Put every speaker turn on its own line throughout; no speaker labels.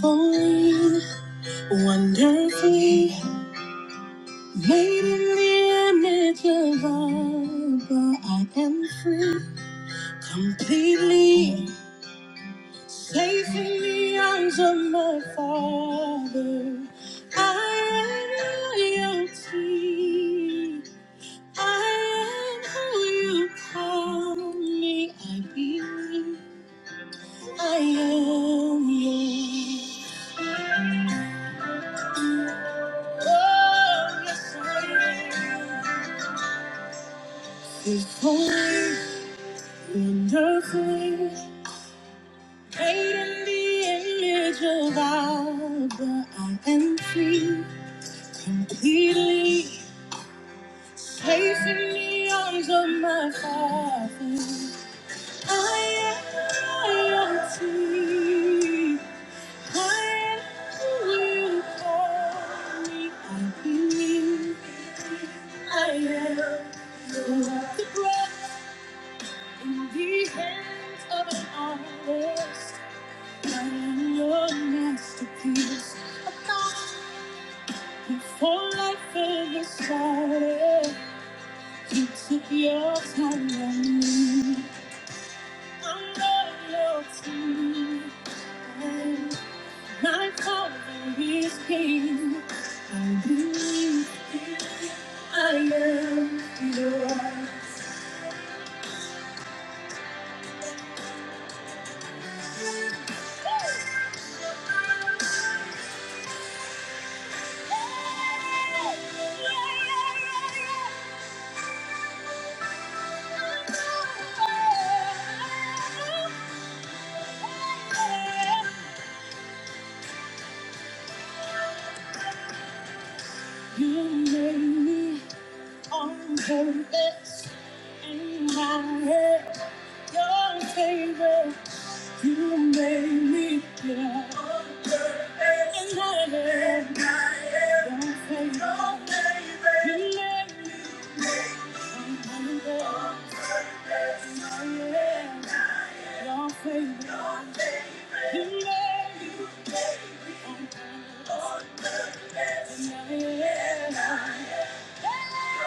Holy, wonderfully made in the image of God, but I am free, completely safe in the arms of my Father. I am royalty. I am who you call me. I believe I am yours. Oh, yes, I am. If only wonderfully made in the image of God, but I am free, completely safe in the arms of my Father. I am free. I am who you call me. I believe I am the breath in the hands of an artist. I'm your masterpiece. Before life ever started, you took your time on me. I'm not your team. My father is king. I believe I am yours. Oh, You made me on purpose in my head. Your favor, you made me yeah. on purpose in my head. In my head. Your favor, Your favor, you made me made me on purpose in my head. Your favor, Your favor, you made me on purpose in my head. I'm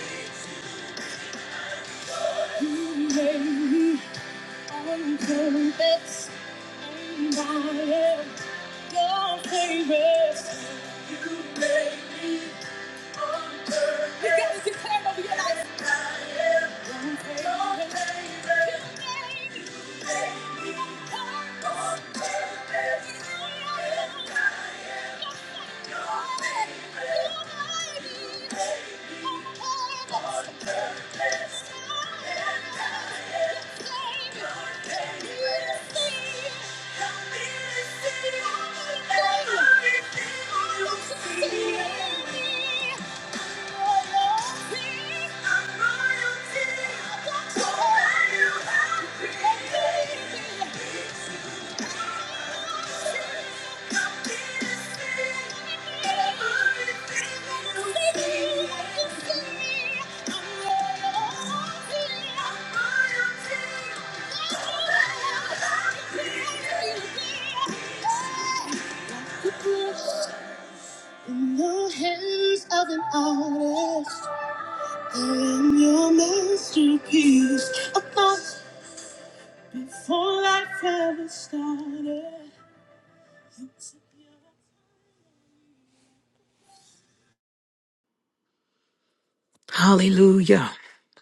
royalty. You made me on purpose, and I am your favorite. You made me on purpose. You gotta declare it over your life. And I am your favorite. You made me on purpose. You made me on purpose. And I am Thank you. In the hands of an artist, they're in your masterpiece. A thought before life ever started.
Hallelujah.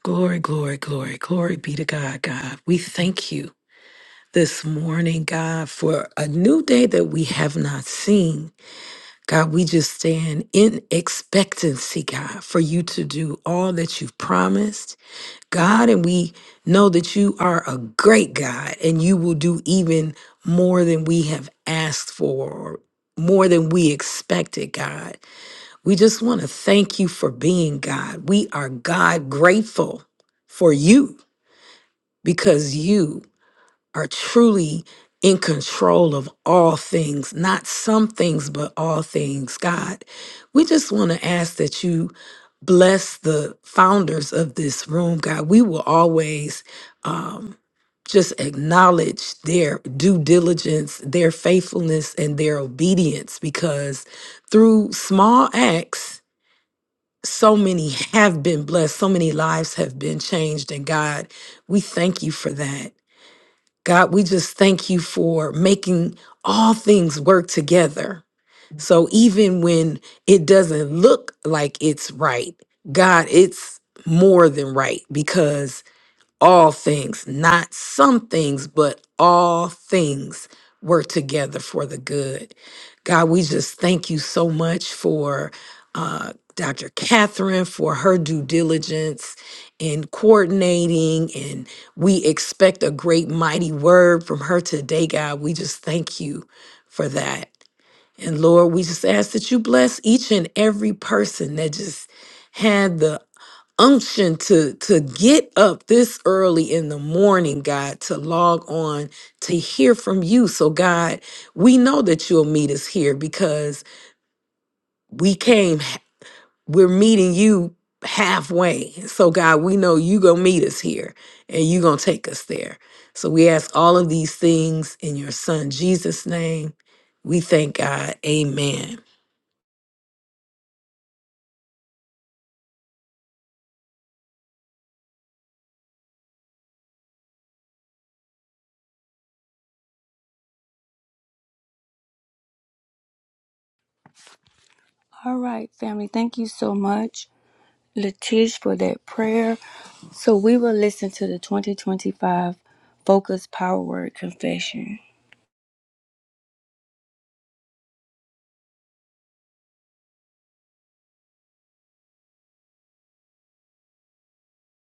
Glory, glory, glory, glory be to God, God. We thank you this morning, God, for a new day that we have not seen. God, we just stand in expectancy, God, for you to do all that you've promised. God, and we know that you are a great God and you will do even more than we have asked for, more than we expected, God. We just want to thank you for being God. We are God grateful for you because you are truly in control of all things, not some things, but all things, God. We just want to ask that you bless the founders of this room, God. We will always um, just acknowledge their due diligence, their faithfulness, and their obedience because through small acts, so many have been blessed, so many lives have been changed. And God, we thank you for that. God, we just thank you for making all things work together. So even when it doesn't look like it's right, God, it's more than right all things, not some things, but all things work together for the good. God, we just thank you so much for uh, Dr. Catherine for her due diligence in coordinating, and we expect a great, mighty word from her today, God. We just thank you for that. And Lord, we just ask that you bless each and every person that just had the unction to to get up this early in the morning god to log on to hear from you so god we know that you'll meet us here because we came h- we're meeting you halfway so god we know you gonna meet us here and you gonna take us there so we ask all of these things in your son jesus name we thank god amen
All right, family. Thank you so much, Latish, for that prayer. So we will listen to the 2025 Focus Power Word Confession.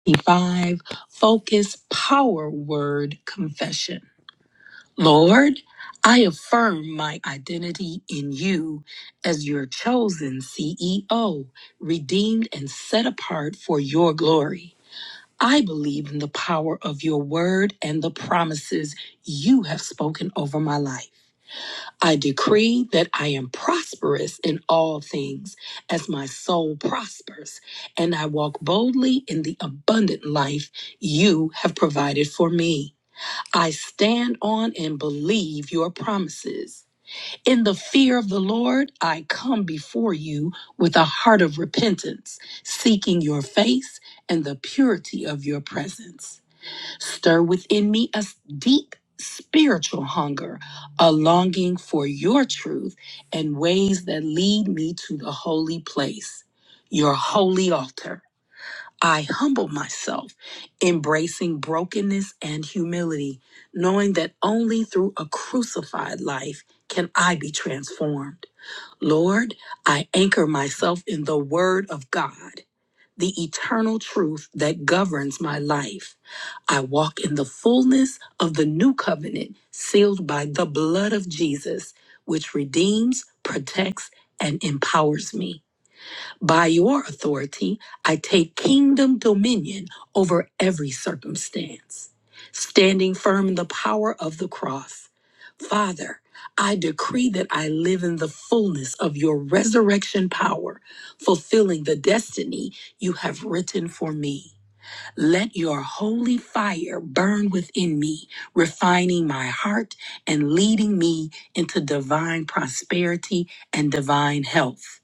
25 Focus Power Word Confession. Lord, I affirm my identity in you as your chosen CEO, redeemed and set apart for your glory. I believe in the power of your word and the promises you have spoken over my life. I decree that I am prosperous in all things as my soul prospers, and I walk boldly in the abundant life you have provided for me. I stand on and believe your promises. In the fear of the Lord, I come before you with a heart of repentance, seeking your face and the purity of your presence. Stir within me a deep spiritual hunger, a longing for your truth and ways that lead me to the holy place, your holy altar. I humble myself, embracing brokenness and humility, knowing that only through a crucified life can I be transformed. Lord, I anchor myself in the Word of God, the eternal truth that governs my life. I walk in the fullness of the new covenant sealed by the blood of Jesus, which redeems, protects, and empowers me. By your authority, I take kingdom dominion over every circumstance, standing firm in the power of the cross. Father, I decree that I live in the fullness of your resurrection power, fulfilling the destiny you have written for me. Let your holy fire burn within me, refining my heart and leading me into divine prosperity and divine health.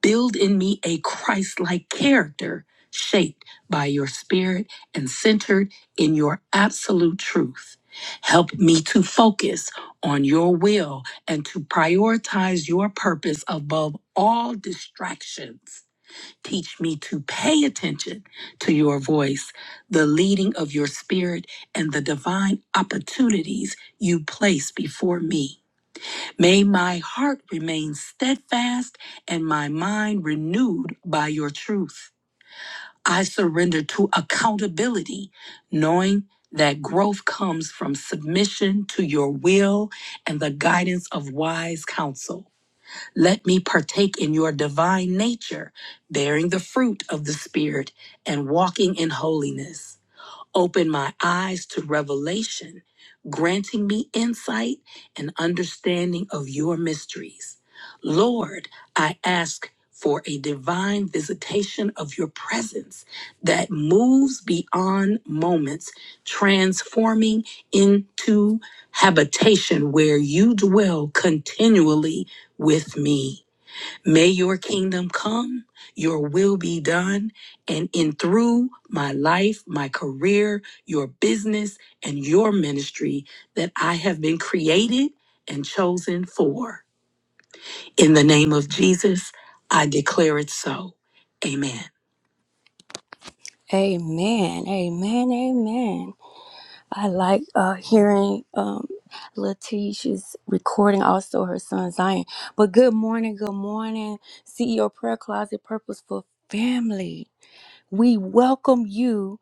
Build in me a Christ like character shaped by your spirit and centered in your absolute truth. Help me to focus on your will and to prioritize your purpose above all distractions. Teach me to pay attention to your voice, the leading of your spirit, and the divine opportunities you place before me. May my heart remain steadfast and my mind renewed by your truth. I surrender to accountability, knowing that growth comes from submission to your will and the guidance of wise counsel. Let me partake in your divine nature, bearing the fruit of the Spirit and walking in holiness. Open my eyes to revelation, granting me insight and understanding of your mysteries. Lord, I ask for a divine visitation of your presence that moves beyond moments, transforming into habitation where you dwell continually with me. May your kingdom come, your will be done, and in through my life, my career, your business, and your ministry that I have been created and chosen for. In the name of Jesus, I declare it so. Amen. Amen. Amen. Amen. I like uh, hearing um, Letitia's recording, also her son Zion. But good morning, good morning, CEO Prayer Closet Purposeful Family. We welcome you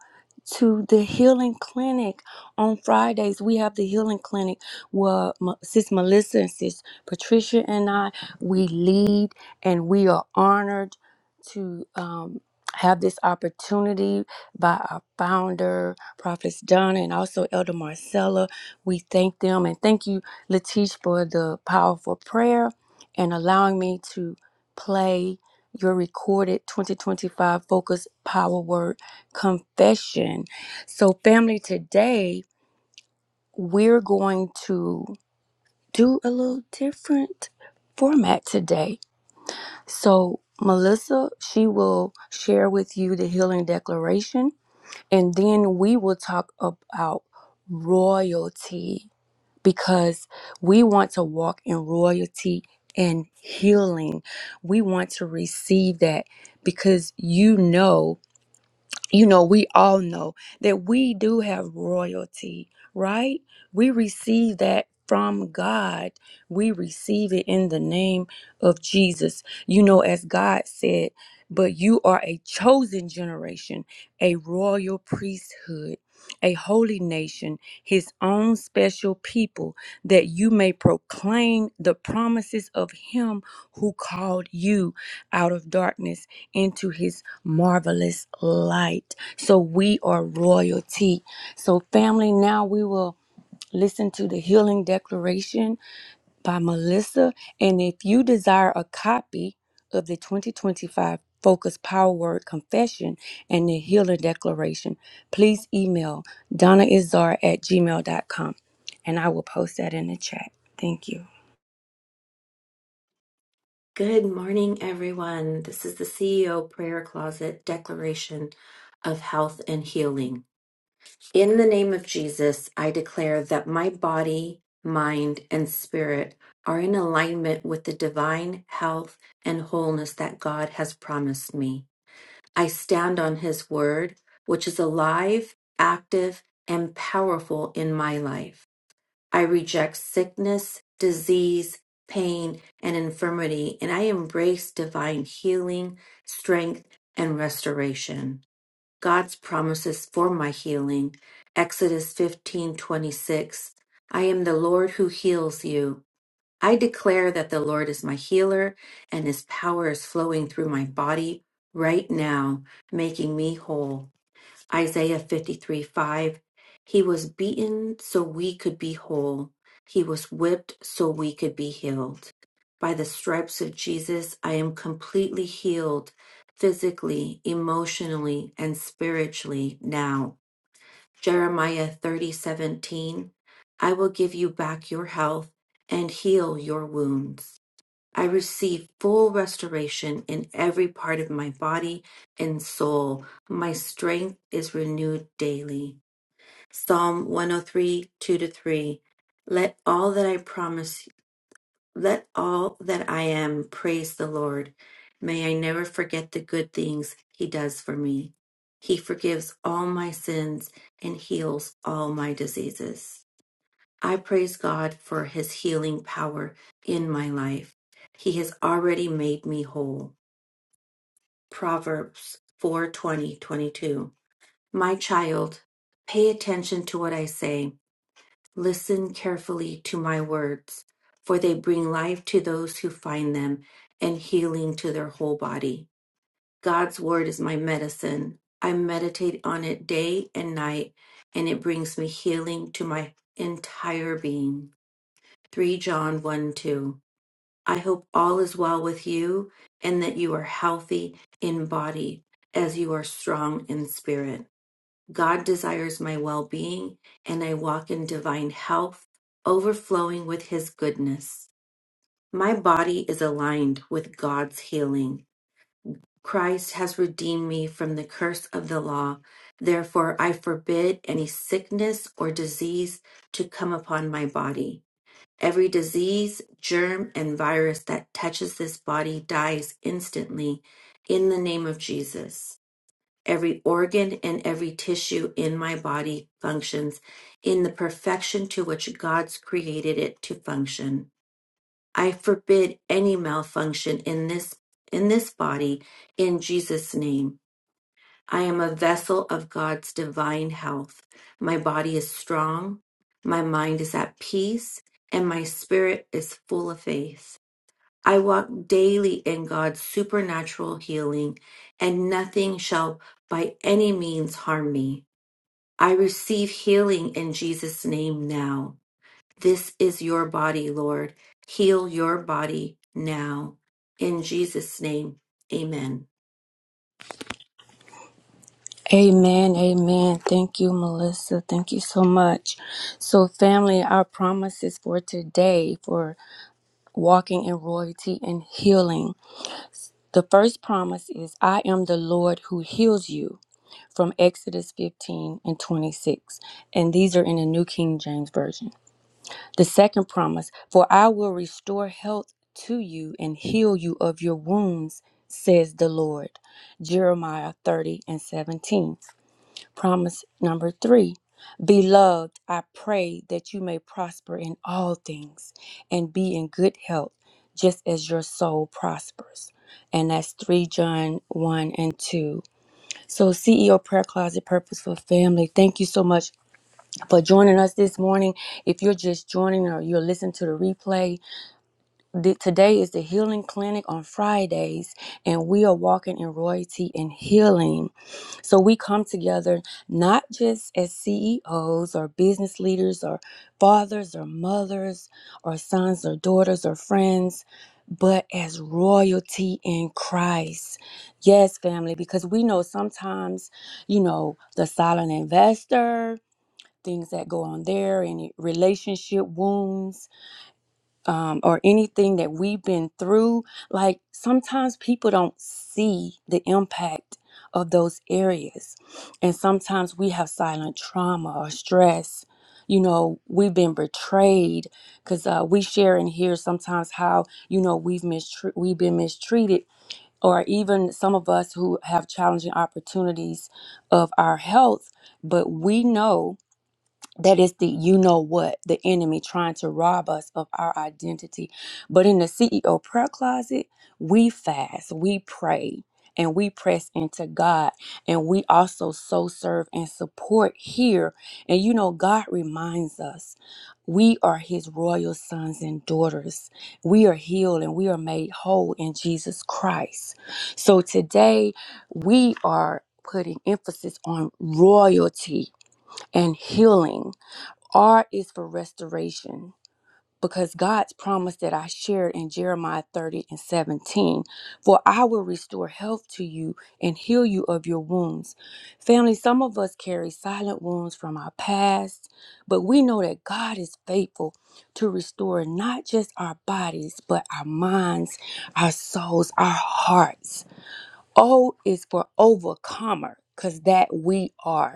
to the healing clinic on Fridays. We have the healing clinic where M- Sis Melissa and Sis Patricia and I we lead, and we are honored to um, have this opportunity by our founder, Prophets Donna, and also Elder Marcella. We thank them and thank you, Latish, for the powerful prayer and allowing me to play your recorded 2025 focus power word confession. So, family, today we're going to do a little different format today. So, Melissa, she will share with you the healing declaration, and then we will talk about royalty because we want to walk in royalty and healing. We want to receive that because you know you know, we all know that we do have royalty, right? We receive that from God. We receive it in the name of Jesus. You know, as God said, but you are a chosen generation, a royal priesthood a holy nation, his own special people, that you may proclaim the promises of him who called you out of darkness into his marvelous light. So we are royalty. So, family, now we will listen to the healing declaration by Melissa. And if you desire a copy of the 2025 Focus Power Word Confession and the Healer Declaration, please email donnaizar at gmail dot com, and I will post that in the chat. Thank you.
Good morning, everyone. This is the CEO Prayer Closet Declaration of Health and Healing. In the name of Jesus, I declare that my body, mind, and spirit are in alignment with the divine health and wholeness that God has promised me. I stand on His Word, which is alive, active, and powerful in my life. I reject sickness, disease, pain, and infirmity, and I embrace divine healing, strength, and restoration. God's promises for my healing. Exodus 15:26. I am the Lord who heals you. I declare that the Lord is my healer and his power is flowing through my body right now, making me whole. Isaiah 53 5. He was beaten so we could be whole. He was whipped so we could be healed. By the stripes of Jesus, I am completely healed physically, emotionally, and spiritually now. Jeremiah thirty seventeen. I will give you back your health and heal your wounds. I receive full restoration in every part of my body and soul. My strength is renewed daily. Psalm one o three two to 3. Let all that I promise, let all that I am praise the Lord. May I never forget the good things He does for me. He forgives all my sins and heals all my diseases. I praise God for his healing power in my life. He has already made me whole. Proverbs four twenty twenty two. My child, pay attention to what I say. Listen carefully to my words, for they bring life to those who find them and healing to their whole body. God's word is my medicine. I meditate on it day and night, and it brings me healing to my entire being. 3 John 1 2. I hope all is well with you and that you are healthy in body as you are strong in spirit. God desires my well being and I walk in divine health, overflowing with his goodness. My body is aligned with God's healing. Christ has redeemed me from the curse of the law. Therefore, I forbid any sickness or disease to come upon my body. Every disease, germ, and virus that touches this body dies instantly in the name of Jesus. Every organ and every tissue in my body functions in the perfection to which God's created it to function. I forbid any malfunction in this in this body in Jesus name. I am a vessel of God's divine health. My body is strong, my mind is at peace, and my spirit is full of faith. I walk daily in God's supernatural healing, and nothing shall by any means harm me. I receive healing in Jesus' name now. This is your body, Lord. Heal your body now. In Jesus' name, amen.
Amen. Amen. Thank you, Melissa. Thank you so much. So, family, our promises for today for walking in royalty and healing. The first promise is I am the Lord who heals you. from Exodus 15 and 26, and these are in the New King James Version. The second promise, for I will restore health to you and heal you of your wounds, says the Lord. Jeremiah 30 and 17. Promise number three, beloved, I pray that you may prosper in all things and be in good health, just as your soul prospers. And that's 3 John 1 and 2. So, CEO Prayer Closet Purposeful Family, thank you so much for joining us this morning. If you're just joining or you're listening to the replay, th- today is the Healing Clinic on Fridays, and we are walking in royalty and healing. So we come together not just as CEOs or business leaders or fathers or mothers or sons or daughters or friends, but as royalty in Christ. Yes, family, because we know sometimes, you know, the silent investor, things that go on there, any relationship wounds um, or anything that we've been through, like sometimes people don't see the impact of those areas. And sometimes we have silent trauma or stress. You know, we've been betrayed because uh, we share in here sometimes how, you know, we've, mistr- we've been mistreated, or even some of us who have challenging opportunities of our health, but we know that is the you know what the enemy trying to rob us of our identity but in the ceo prayer closet we fast we pray and we press into god and we also so serve and support here and you know god reminds us we are his royal sons and daughters we are healed and we are made whole in jesus christ so today we are putting emphasis on royalty and healing R is for restoration because God's promise that I shared in Jeremiah 30 and 17 for I will restore health to you and heal you of your wounds. Family, some of us carry silent wounds from our past, but we know that God is faithful to restore not just our bodies, but our minds, our souls, our hearts. O is for overcomer because that we are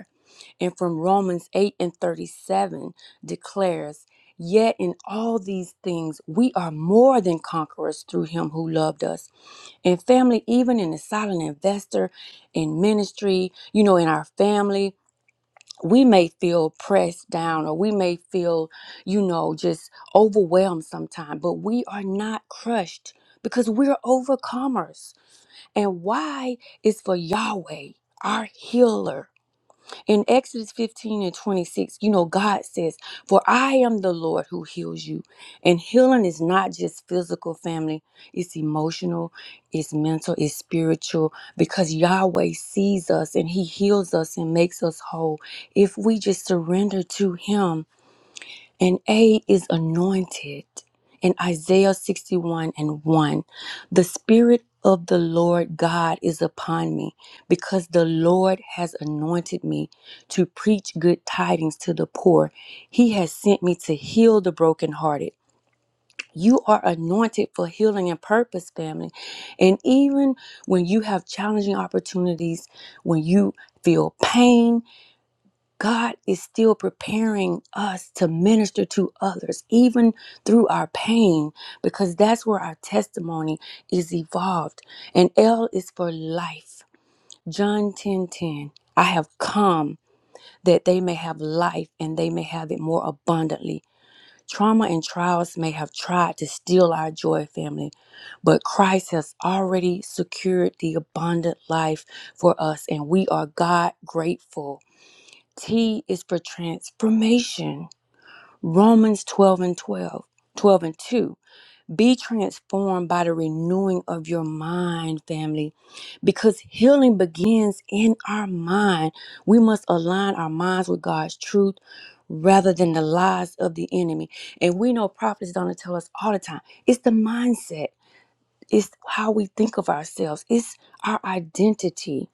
and from Romans 8 and 37 declares, Yet in all these things we are more than conquerors through him who loved us. And family, even in the silent investor, in ministry, you know, in our family, we may feel pressed down or we may feel, you know, just overwhelmed sometimes, but we are not crushed because we're overcomers. And why is for Yahweh, our healer in Exodus 15 and 26, you know, God says, For I am the Lord who heals you. And healing is not just physical, family, it's emotional, it's mental, it's spiritual, because Yahweh sees us and He heals us and makes us whole if we just surrender to Him. And A is anointed. In Isaiah 61 and 1, the Spirit of the Lord God is upon me because the Lord has anointed me to preach good tidings to the poor. He has sent me to heal the brokenhearted. You are anointed for healing and purpose, family. And even when you have challenging opportunities, when you feel pain, God is still preparing us to minister to others, even through our pain, because that's where our testimony is evolved. And L is for life. John 10 10. I have come that they may have life and they may have it more abundantly. Trauma and trials may have tried to steal our joy, family, but Christ has already secured the abundant life for us, and we are God grateful. T is for transformation. Romans 12 and 12, 12 and 2. Be transformed by the renewing of your mind, family, because healing begins in our mind. We must align our minds with God's truth rather than the lies of the enemy. And we know prophets don't tell us all the time it's the mindset, it's how we think of ourselves, it's our identity.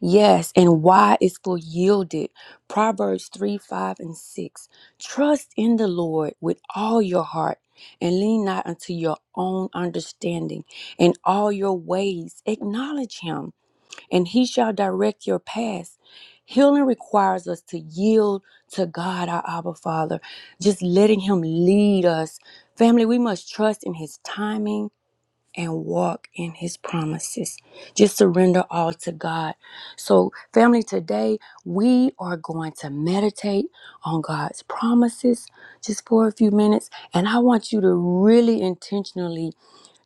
Yes, and why is for yielded. Proverbs 3, 5, and 6. Trust in the Lord with all your heart and lean not unto your own understanding. In all your ways, acknowledge him, and he shall direct your paths. Healing requires us to yield to God, our Abba Father, just letting him lead us. Family, we must trust in his timing and walk in his promises. Just surrender all to God. So, family, today we are going to meditate on God's promises just for a few minutes. And I want you to really intentionally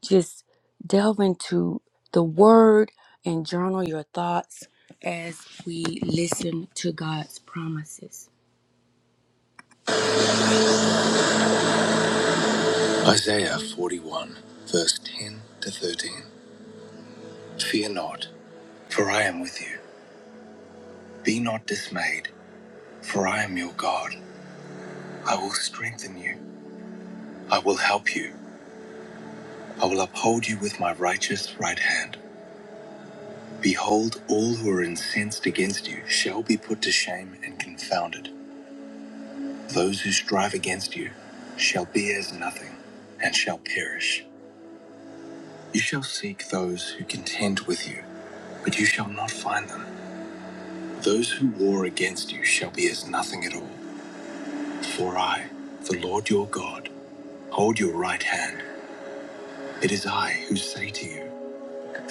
just delve into the word and journal your thoughts as we listen to God's promises. Isaiah 41, verse 10 to 13. Fear not, for I am with you. Be not dismayed, For I am your God. I will strengthen you. I will help you. I will uphold you with my righteous right hand. Behold, all who are incensed against you shall be put to shame and confounded. Those who strive against you shall be as nothing and shall perish. You shall seek those who contend with you, but you shall not find them. Those who war against you shall be as nothing at all. For I, the Lord your God, hold your right hand. It is I who say to you,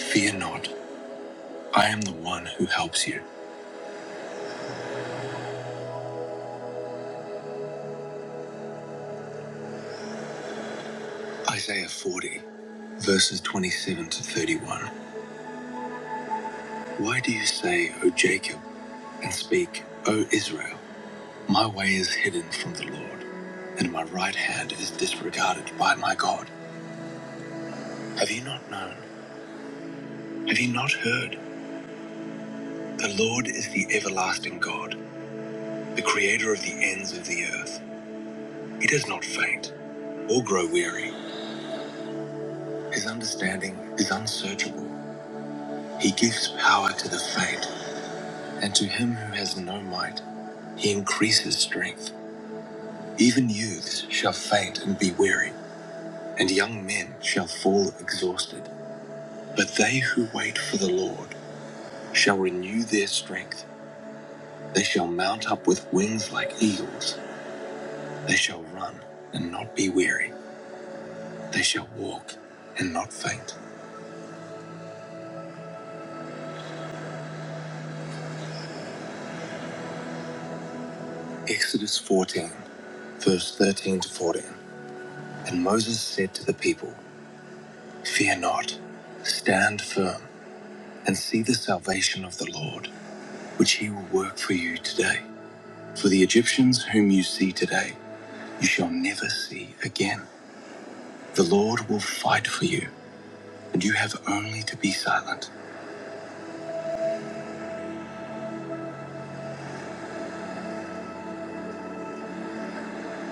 Fear not, I am the one who helps you. Isaiah 40, verses 27 to 31. Why do you say, O Jacob, and speak, O Israel, my way is hidden from the Lord, and my right hand is disregarded by my God? Have you not known? Have you not heard? The Lord is the everlasting God, the creator of the ends of the earth. He does not faint or grow weary. His understanding is unsearchable. He gives power to the faint And to him who has no might, he increases strength. Even youths shall faint and be weary, and young men shall fall exhausted. But they who wait for the Lord shall renew their strength. They shall mount up with wings like eagles. They shall run and not be weary. They shall walk and not faint. Exodus 14, verse 13 to 14. And Moses said to the people, Fear not, stand firm, and see the salvation of the Lord which he will work for you today. For the Egyptians whom you see today, you shall never see again. The Lord will fight for you, and you have only to be silent.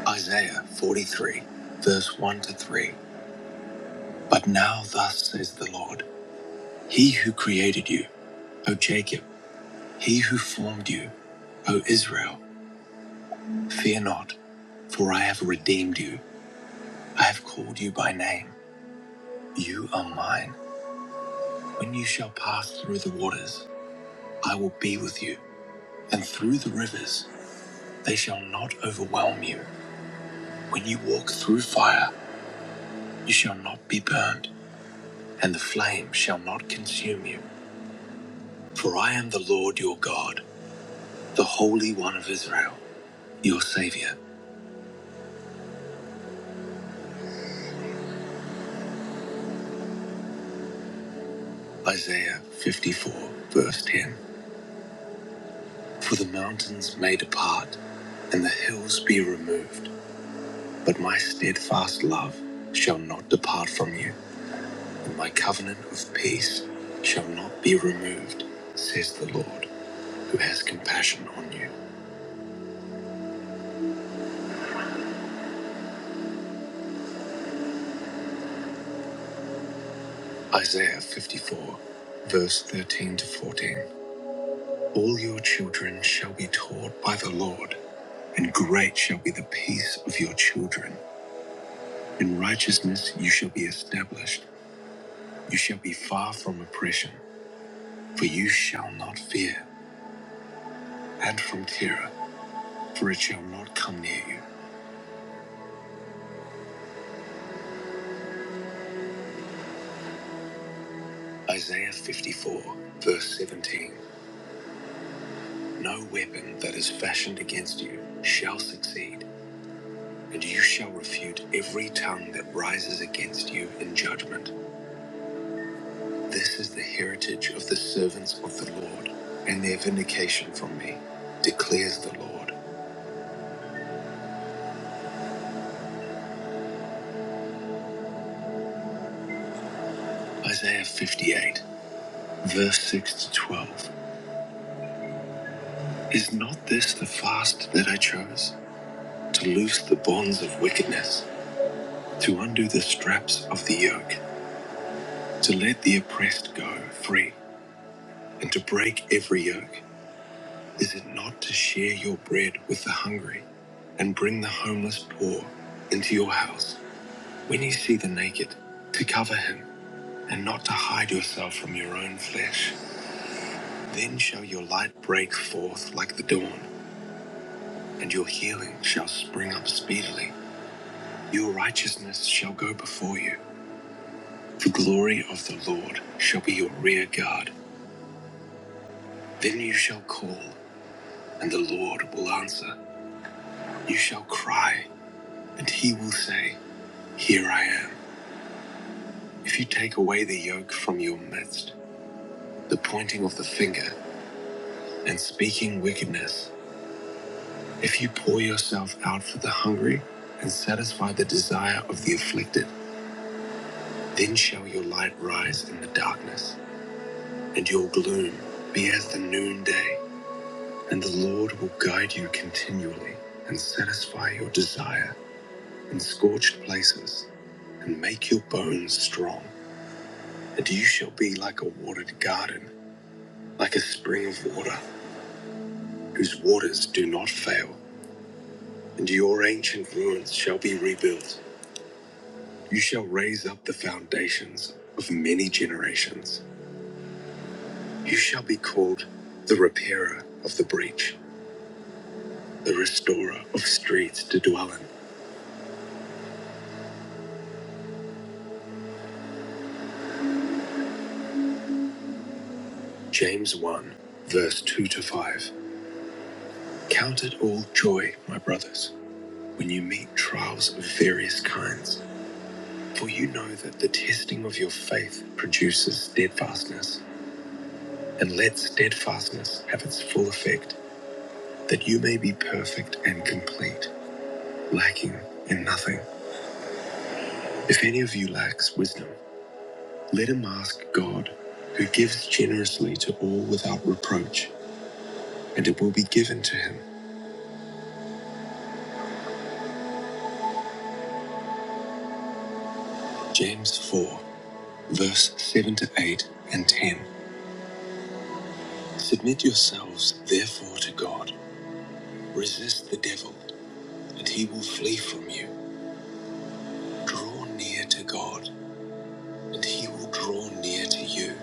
Isaiah 43, verse 1 to 3. But now, thus says the Lord, He who created you, O Jacob, He who formed you, O Israel, fear not, for I have redeemed you. I have called you by name. You are mine. When you shall pass through the waters, I will be with you. and through the rivers they shall not overwhelm you. When you walk through fire, you shall not be burned, and the flame shall not consume you. For I am the Lord your God, the Holy One of Israel, your Savior. Isaiah 54, verse 10. For the mountains may depart, and the hills be removed, but my steadfast love shall not depart from you, and my covenant of peace shall not be removed, says the Lord. who has compassion on you. Isaiah 54, verse 13 to 14. All your children shall be taught by the Lord, and great shall be the peace of your children. In righteousness you shall be established. You shall be far from oppression, for you shall not fear, and from terror, for it shall not come near you. Isaiah 54, verse 17. No weapon that is fashioned against you shall succeed And you shall refute every tongue that rises against you in judgment. This is the heritage of the servants of the Lord, and their vindication from me, declares the Lord. Isaiah 58, verse 6 to 12. Is not this the fast that I chose? To loose the bonds of wickedness, to undo the straps of the yoke, to let the oppressed go free, and to break every yoke. Is it not to share your bread with the hungry and bring the homeless poor into your house when you see the naked, to cover him and not to hide yourself from your own flesh? Then shall your light break forth like the dawn, and your healing shall spring up speedily. Your righteousness shall go before you. The glory of the Lord shall be your rear guard. Then you shall call, and the Lord will answer. You shall cry, and he will say, Here I am. If you take away the yoke from your midst, the pointing of the finger and speaking wickedness, if you pour yourself out for the hungry and satisfy the desire of the afflicted, then shall your light rise in the darkness, and your gloom be as the noonday, and the Lord will guide you continually and satisfy your desire in scorched places and make your bones strong, and you shall be like a watered garden, like a spring of water whose waters do not fail, and your ancient ruins shall be rebuilt. You shall raise up the foundations of many generations. You shall be called the repairer of the breach, the restorer of streets to dwell in. James 1, verse 2 to 5. Count it all joy, my brothers, when you meet trials of various kinds, for you know that the testing of your faith produces steadfastness, and let steadfastness have its full effect that you may be perfect and complete, lacking in nothing. If any of you lacks wisdom, let him ask God, who gives generously to all without reproach, and it will be given to him. James 4, verse 7 to 8 and 10. Submit yourselves, therefore, to God. Resist the devil, and he will flee from you. Draw near to God, and he will draw near to you.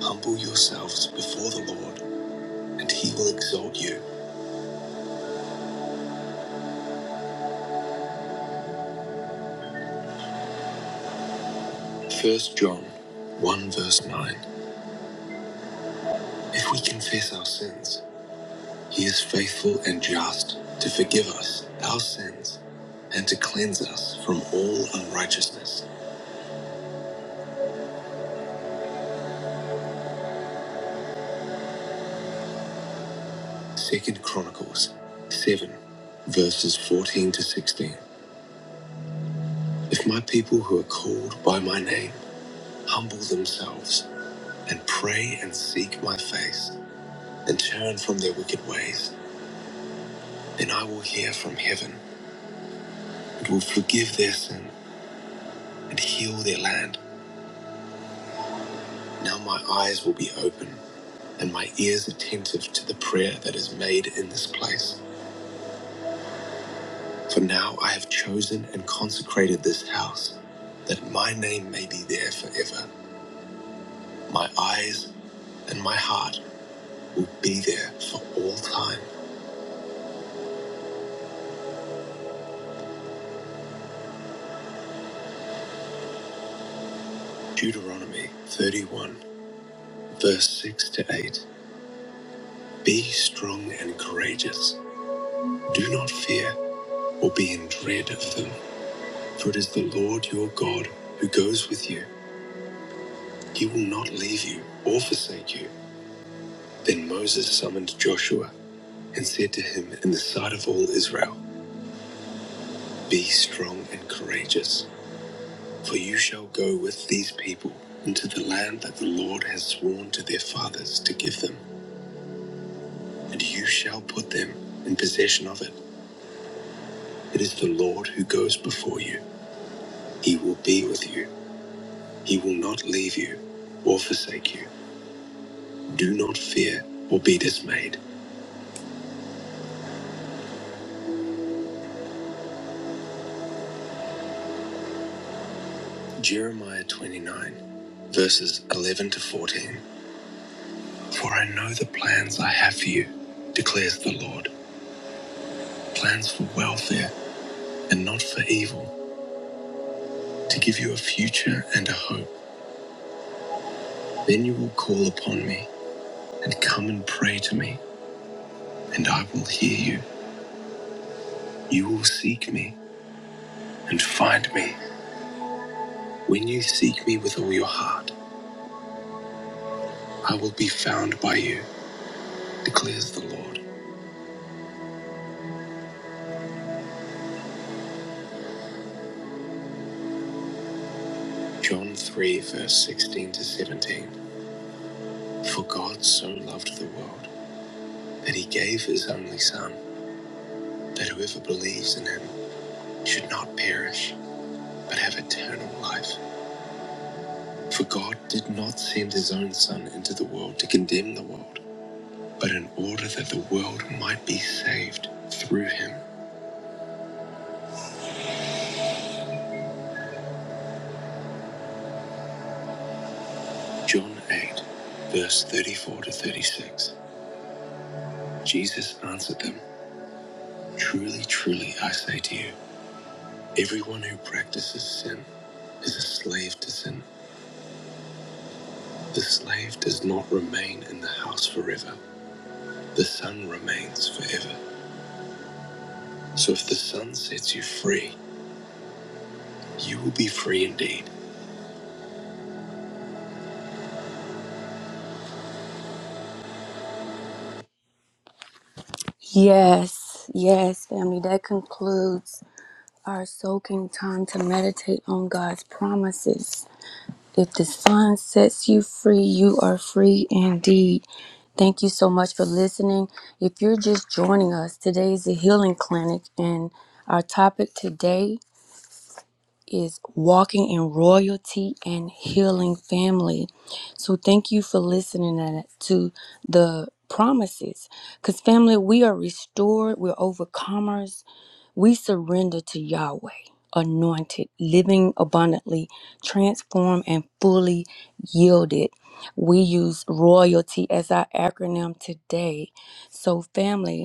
Humble yourselves before the Lord, and he will exalt you. First John 1 verse 9. If we confess our sins, he is faithful and just to forgive us our sins and to cleanse us from all unrighteousness. Second Chronicles 7 verses 14 to 16. If my people who are called by my name humble themselves and pray and seek my face and turn from their wicked ways, then I will hear from heaven and will forgive their sin and heal their land. Now my eyes will be open and my ears attentive to the prayer that is made in this place. For now I have chosen and consecrated this house, that my name may be there forever. My eyes and my heart will be there for all time. Deuteronomy 31, verse 6 to 8. Be strong and courageous. Do not fear or be in dread of them, for it is the Lord your God who goes with you. He will not leave you or forsake you. Then Moses summoned Joshua and said to him in the sight of all Israel, Be strong and courageous, for you shall go with these people into the land that the Lord has sworn to their fathers to give them, and you shall put them in possession of it. It is the Lord who goes before you. He will be with you. He will not leave you or forsake you. Do not fear or be dismayed. Jeremiah 29, verses 11 to 14. For I know the plans I have for you, declares the Lord plans for welfare and not for evil, to give you a future and a hope. Then you will call upon me and come and pray to me, and I will hear you. You will seek me and find me. When you seek me with all your heart, I will be found by you, declares the Lord. John 3, verse 16 to 17. For God so loved the world that he gave his only Son, that whoever believes in him should not perish, but have eternal life. For God did not send his own Son into the world to condemn the world, but in order that the world might be saved through him. John 8, verse 34 to 36. Jesus answered them Truly, truly, I say to you, everyone who practices sin is a slave to sin. The slave does not remain in the house forever The sun remains forever. So if the sun sets you free, you will be free indeed. Yes, yes, family. That concludes our soaking time to meditate on God's promises. If the sun sets you free, you are free indeed. Thank you so much for listening. If you're just joining us, today is the Healing Clinic, and our topic today. is walking in royalty and healing family. So thank you for listening and- to the promises. Because, family, we are restored, we're overcomers, we surrender to Yahweh. Anointed, living abundantly, transformed, and fully yielded. We use royalty as our acronym today. So, family,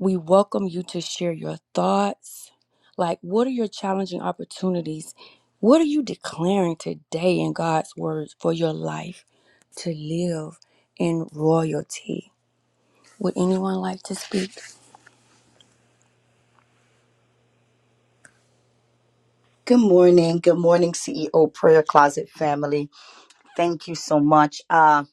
we welcome you to share your thoughts. Like, what are your challenging opportunities? What are you declaring today in God's words for your life to live in royalty? Would anyone like to speak?
Good morning. Good morning, CEO Prayer Closet family. Thank you so much, uh,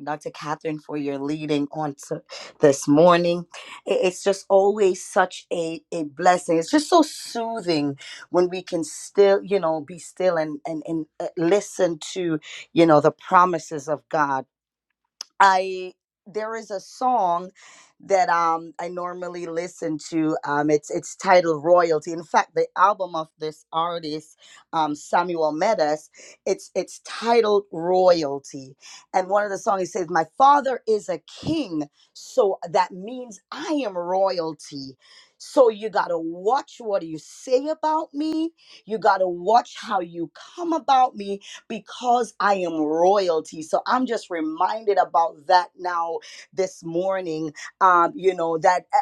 Dr. Catherine, for your leading on to this morning. I- It's just always such a, a blessing. It's just so soothing when we can still, you know, be still and, and, and uh, listen to, you know, the promises of God. I there is a song that um I normally listen to. Um it's it's titled Royalty. In fact, the album of this artist, um Samuel Metas, it's it's titled Royalty. And one of the songs he says, My father is a king, so that means I am royalty. So you gotta watch what you say about me. You gotta watch how you come about me because I am royalty. So I'm just reminded about that now this morning. Um, you know, that uh, uh,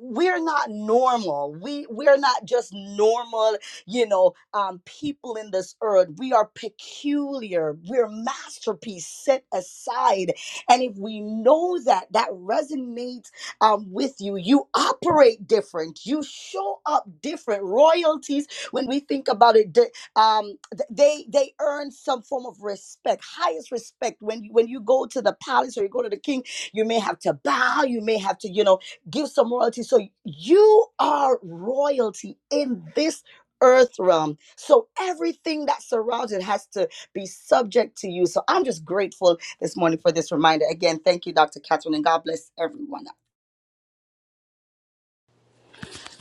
we're not normal. We we're not just normal, you know, um, people in this earth. We are peculiar. We're masterpiece set aside. And if we know that, that resonates um, with you. You operate different. You show up different. Royalties when we think about it um th- they they earn some form of respect highest respect when you when you go to the palace or you go to the king you may have to bow you may have to you know give some royalty so you are royalty in this earth realm so everything that surrounds it has to be subject to you so i'm just grateful this morning for this reminder again thank you dr catherine and god bless everyone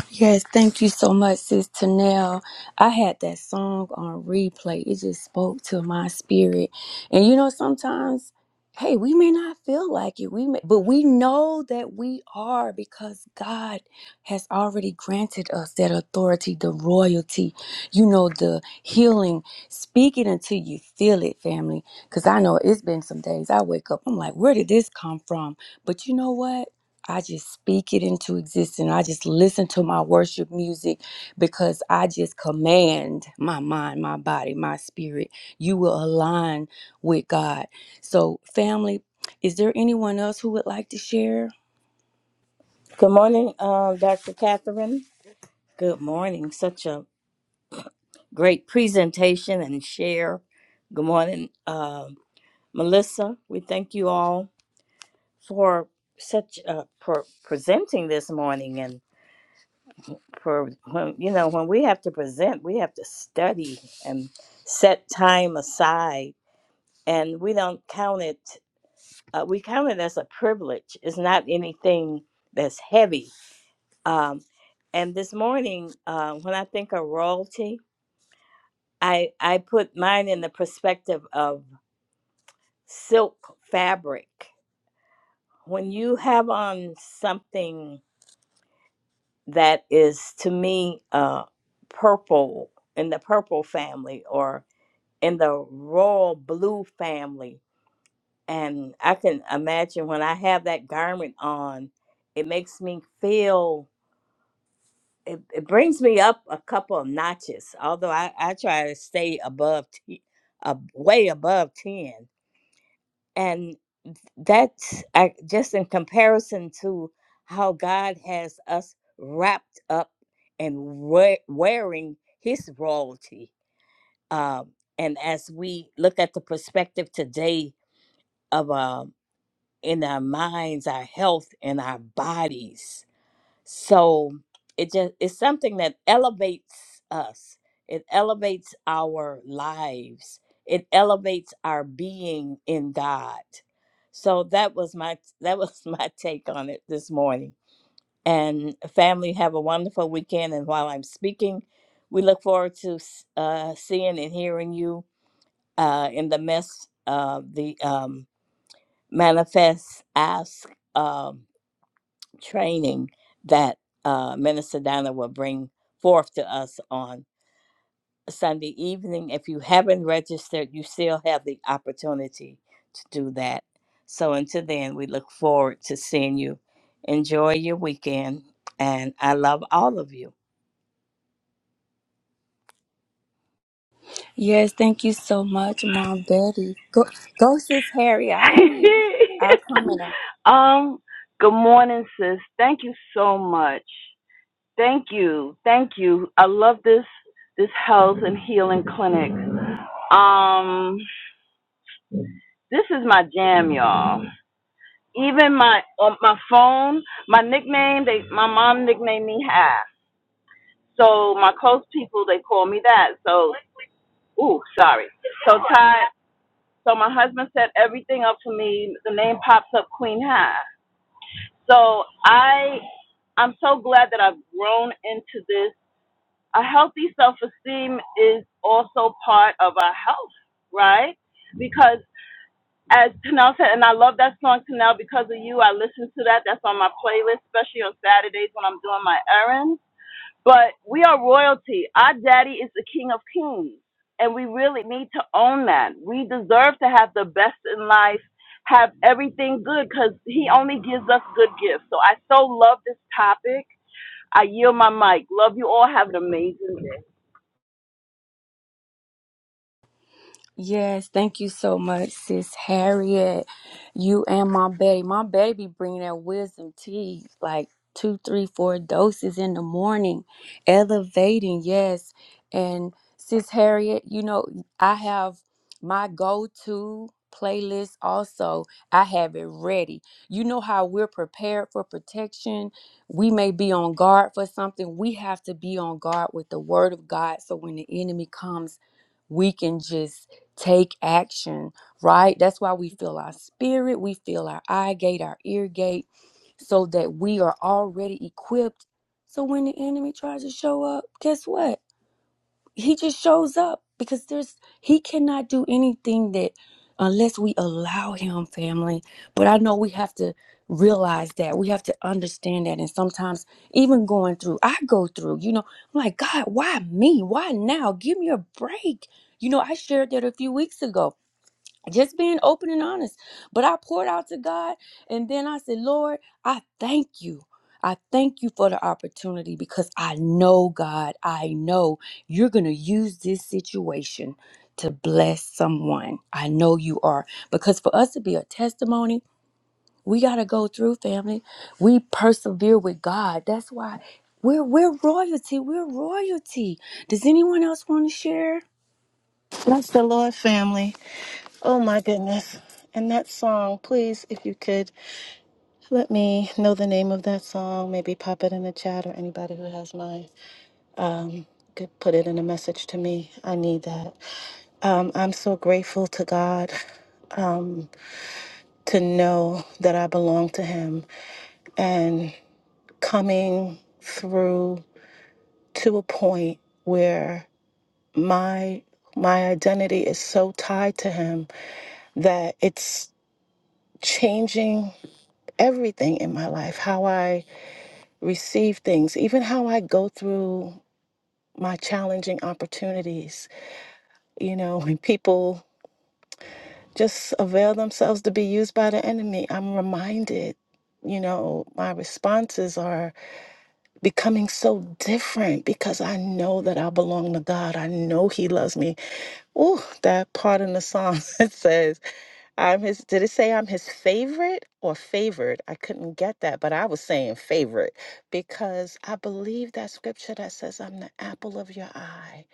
Yes, thank you so much, Sis Tanel. I had that song on replay. It just spoke to my spirit. And you know, sometimes, hey, we may not feel like it, we may, but we know that we are because God has already granted us that authority, the royalty, you know, the healing. Speak it until you feel it, family. Because I know it's been some days I wake up, I'm like, where did this come from? But you know what? I just speak it into existence. I just listen to my worship music because I just command my mind, my body, my spirit. You will align with God. So, family, is there anyone else who would like to share?
Good morning, uh, Dr. Catherine. Good morning. Such a great presentation and share. Good morning, uh, Melissa. We thank you all for such uh, for presenting this morning and for when you know when we have to present, we have to study and set time aside, and we don't count it. Uh, we count it as a privilege. It's not anything that's heavy Um, and this morning, uh, when I think of royalty, I, I put mine in the perspective of silk fabric. When you have on something that is, to me, uh, purple, in the purple family or in the royal blue family, and I can imagine when I have that garment on, it makes me feel it, it brings me up a couple of notches although i, I try to stay above t- uh, way above 10 and that's I, just in comparison to how god has us wrapped up and we- wearing his royalty um, and as we look at the perspective today of um, in our minds our health and our bodies so it just it's something that elevates us it elevates our lives it elevates our being in god so that was my that was my take on it this morning and family have a wonderful weekend and while i'm speaking we look forward to s- uh, seeing and hearing you uh, in the mess of the um, manifest ask Um, training that uh, Minister Donna will bring forth to us on Sunday evening. If you haven't registered, you still have the opportunity to do that. So until then, we look forward to seeing you. Enjoy your weekend, and I love all of you.
Yes, thank you so much, Mom Betty. Go, go, sis Harry. I hear you. I'll comment.
um, good morning, sis. Thank you so much. Thank you. Thank you. I love this this health and healing clinic. Um, this is my jam, y'all. Even my on my phone, my nickname, they my mom nicknamed me half. So my close people they call me that. So ooh, sorry. So Ty so my husband set everything up for me. The name pops up Queen Half. So I I'm so glad that I've grown into this. A healthy self esteem is also part of our health, right? Because as Tanel said, and I love that song, Tanel, because of you, I listen to that. That's on my playlist, especially on Saturdays when I'm doing my errands but we are royalty. Our daddy is the king of kings. And we really need to own that. We deserve to have the best in life, have everything good, because he only gives us good gifts. So I so love this topic. I yield my mic. Love you all. Have an amazing day.
Yes, thank you so much, Sis Harriet. You and my baby. My baby bring that wisdom tea like two, three, four doses in the morning, elevating, yes. And Sis Harriet, you know, I have my go to playlist also. I have it ready. You know how we're prepared for protection. We may be on guard for something. We have to be on guard with the word of God. So when the enemy comes, we can just Take action, right? That's why we feel our spirit, we feel our eye gate, our ear gate, so that we are already equipped. So when the enemy tries to show up, guess what? He just shows up because there's he cannot do anything that unless we allow him, family. But I know we have to realize that. We have to understand that. And sometimes even going through, I go through, you know, I'm like, God, why me? Why now? Give me a break. You know, I shared that a few weeks ago just being open and honest. But I poured out to God, and then I said, Lord, I thank you. I thank you for the opportunity because I know, God, I know you're going to use this situation to bless someone. I know you are. Because for us to be a testimony, we got to go through, family. We persevere with God. That's why we're, we're royalty. We're royalty. Does anyone else want to share?
Bless the Lord, family. Oh my goodness. And that song, please, if you could let me know the name of that song, maybe pop it in the chat or anybody who has mine could put it in a message to me. I need that. Um, I'm so grateful to God um, to know that I belong to Him and coming through to a point where my my identity is so tied to Him that it's changing everything in my life, how I receive things, even how I go through my challenging opportunities. You know, when people just avail themselves to be used by the enemy, I'm reminded, you know, my responses are becoming so different because I know that I belong to God. I know He loves me. Oh, that part in the song that says, I'm his, did it say I'm his favorite or favored? I couldn't get that, but I was saying favorite because I believe that scripture that says, I'm the apple of your eye.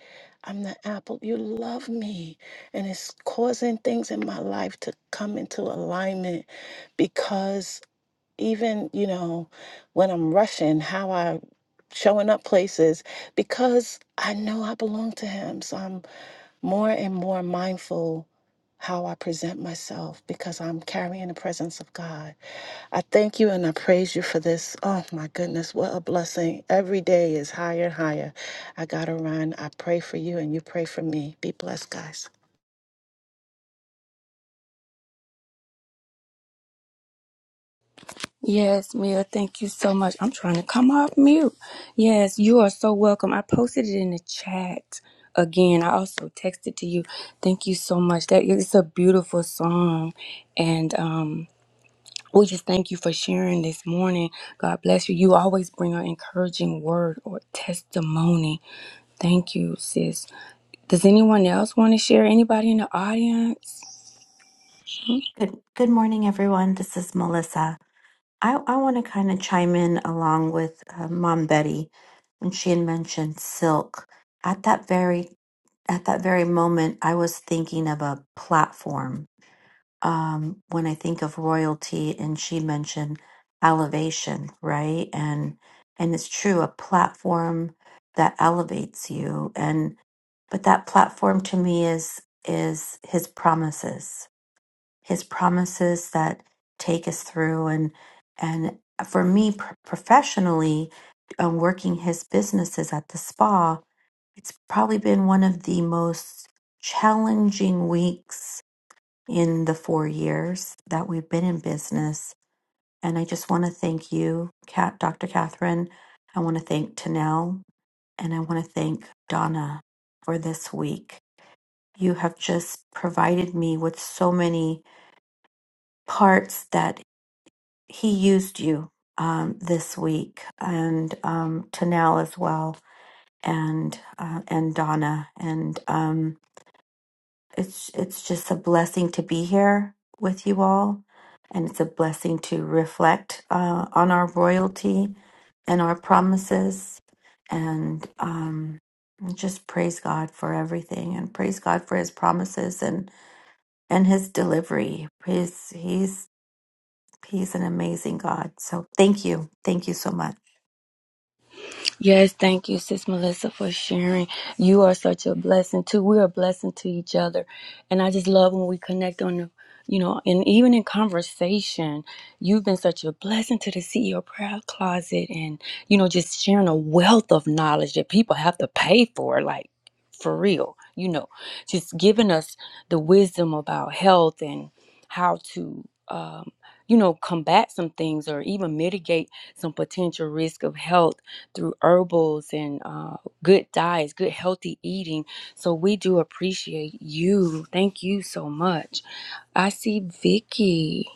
I'm the apple. You love me. And it's causing things in my life to come into alignment because even you know when i'm rushing how i showing up places because i know i belong to him so i'm more and more mindful how i present myself because i'm carrying the presence of god i thank you and i praise you for this oh my goodness what a blessing every day is higher and higher i gotta run i pray for you and you pray for me be blessed guys
Yes, Mia, thank you so much. I'm trying to come off mute. Yes, you are so welcome. I posted it in the chat again. I also texted to you. Thank you so much. That it's a beautiful song. And um we just thank you for sharing this morning. God bless you. You always bring an encouraging word or testimony. Thank you, sis. Does anyone else want to share? Anybody in the audience?
Good, good morning, everyone. This is Melissa. I, I want to kind of chime in along with uh, Mom Betty when she had mentioned silk. At that very at that very moment, I was thinking of a platform. Um, when I think of royalty, and she mentioned elevation, right? And and it's true, a platform that elevates you. And but that platform to me is is His promises his promises that take us through and and for me pr- professionally um, working his businesses at the spa it's probably been one of the most challenging weeks in the four years that we've been in business and i just want to thank you cat dr catherine i want to thank tanel and i want to thank donna for this week you have just provided me with so many parts that he used you um, this week and um, Tanel as well and uh, and Donna and um, it's it's just a blessing to be here with you all and it's a blessing to reflect uh, on our royalty and our promises and um, just praise God for everything and praise God for his promises and and his delivery his he's he's an amazing God so thank you thank you so much
Yes, thank you, Sis Melissa, for sharing. You are such a blessing too. We are a blessing to each other, and I just love when we connect on the, you know, and even in conversation, you've been such a blessing to the CEO prayer closet, and you know, just sharing a wealth of knowledge that people have to pay for, like for real. You know, just giving us the wisdom about health and how to. Um, you know, combat some things or even mitigate some potential risk of health through herbals and uh, good diets, good healthy eating. So we do appreciate you. Thank you so much. I see Vicky.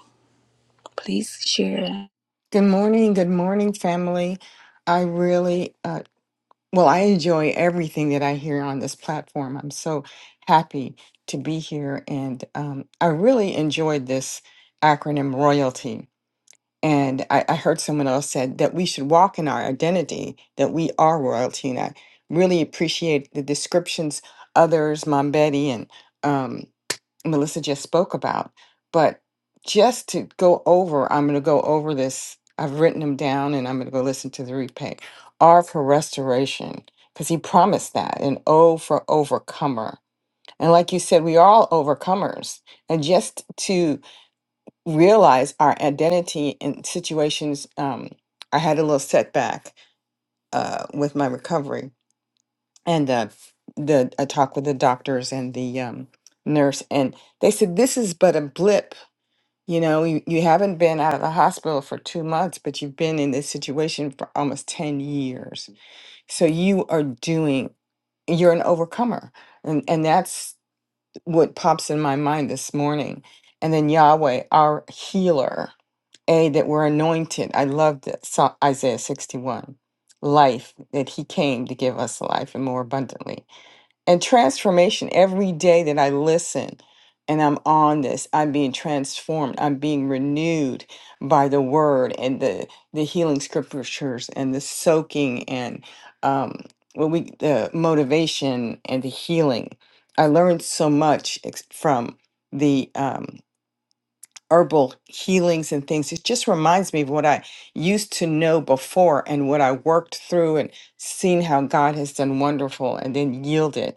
Please share.
Good morning, good morning, family. I really, uh, well, I enjoy everything that I hear on this platform. I'm so happy to be here, and um, I really enjoyed this acronym royalty. And I, I heard someone else said that we should walk in our identity, that we are royalty. And I really appreciate the descriptions others, Mom Betty and um, Melissa just spoke about. But just to go over, I'm going to go over this. I've written them down and I'm going to go listen to the replay. R for restoration, because he promised that, and O for overcomer. And like you said, we are all overcomers. And just to realize our identity in situations. Um, I had a little setback uh, with my recovery, and uh, the I talked with the doctors and the um, nurse, and they said this is but a blip. You know, you, you haven't been out of the hospital for two months, but you've been in this situation for almost ten years. So you are doing. You're an overcomer, and and that's what pops in my mind this morning. And then Yahweh, our healer, A, that we're anointed. I love that Sa- Isaiah 61. Life, that he came to give us life and more abundantly and transformation every day that I listen and I'm on this, I'm being transformed, I'm being renewed by the word and the the healing scriptures and the soaking and um what we the motivation and the healing. I learned so much ex- from the um herbal healings and things it just reminds me of what i used to know before and what i worked through and seen how god has done wonderful and then yielded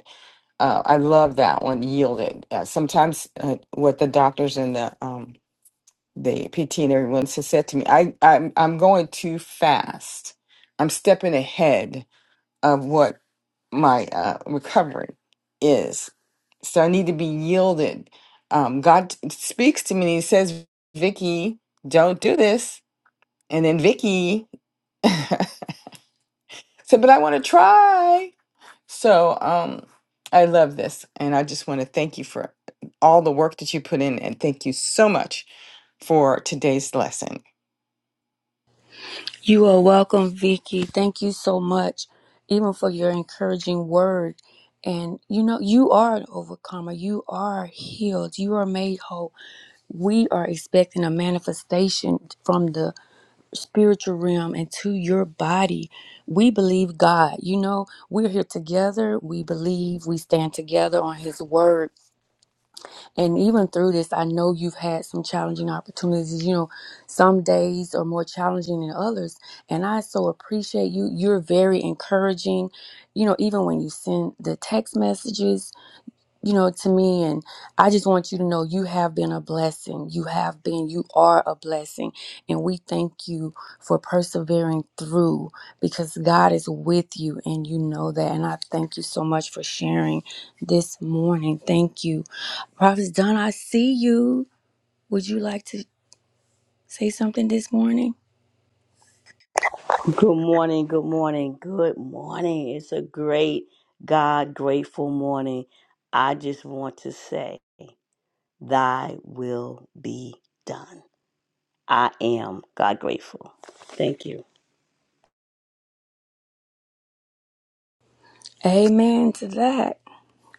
uh, I love that one, yielded. Uh, sometimes uh, what the doctors and the um, the PT and everyone has said to me, I, I'm, I'm going too fast. I'm stepping ahead of what my uh, recovery is. So I need to be yielded. Um, God speaks to me and he says, Vicky, don't do this. And then Vicky said, but I want to try. So, um, I love this, and I just want to thank you for all the work that you put in, and thank you so much for today's lesson.
You are welcome, Vicky. Thank you so much, even for your encouraging word. And you know, you are an overcomer. You are healed. You are made whole. We are expecting a manifestation from the spiritual realm and to your body. We believe God. You know, we're here together. We believe we stand together on His word. And even through this, I know you've had some challenging opportunities. You know, some days are more challenging than others. And I so appreciate you. You're very encouraging. You know, even when you send the text messages, you know, to me. And I just want you to know you have been a blessing. You have been, you are a blessing. And we thank you for persevering through because God is with you and you know that. And I thank you so much for sharing this morning. Thank you. Prophet Don, I see you. Would you like to say something this morning?
Good morning, good morning, good morning. It's a great God grateful morning. I just want to say, Thy will be done. I am God grateful. Thank you.
Amen to that.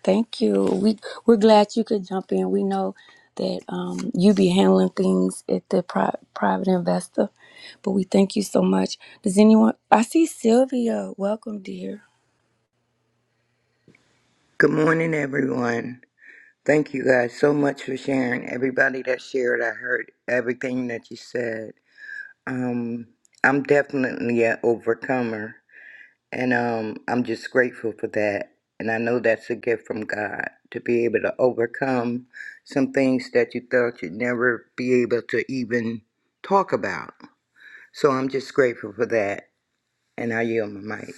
Thank you. We we're glad you could jump in. We know that um, you be handling things at the pri- private investor, but we thank you so much. Does anyone? I see Sylvia. Welcome, dear.
Good morning, everyone. Thank you guys so much for sharing. Everybody that shared, I heard everything that you said. Um, I'm definitely an overcomer, and um, I'm just grateful for that. And I know that's a gift from God to be able to overcome some things that you thought you'd never be able to even talk about. So I'm just grateful for that, and I yield my mic.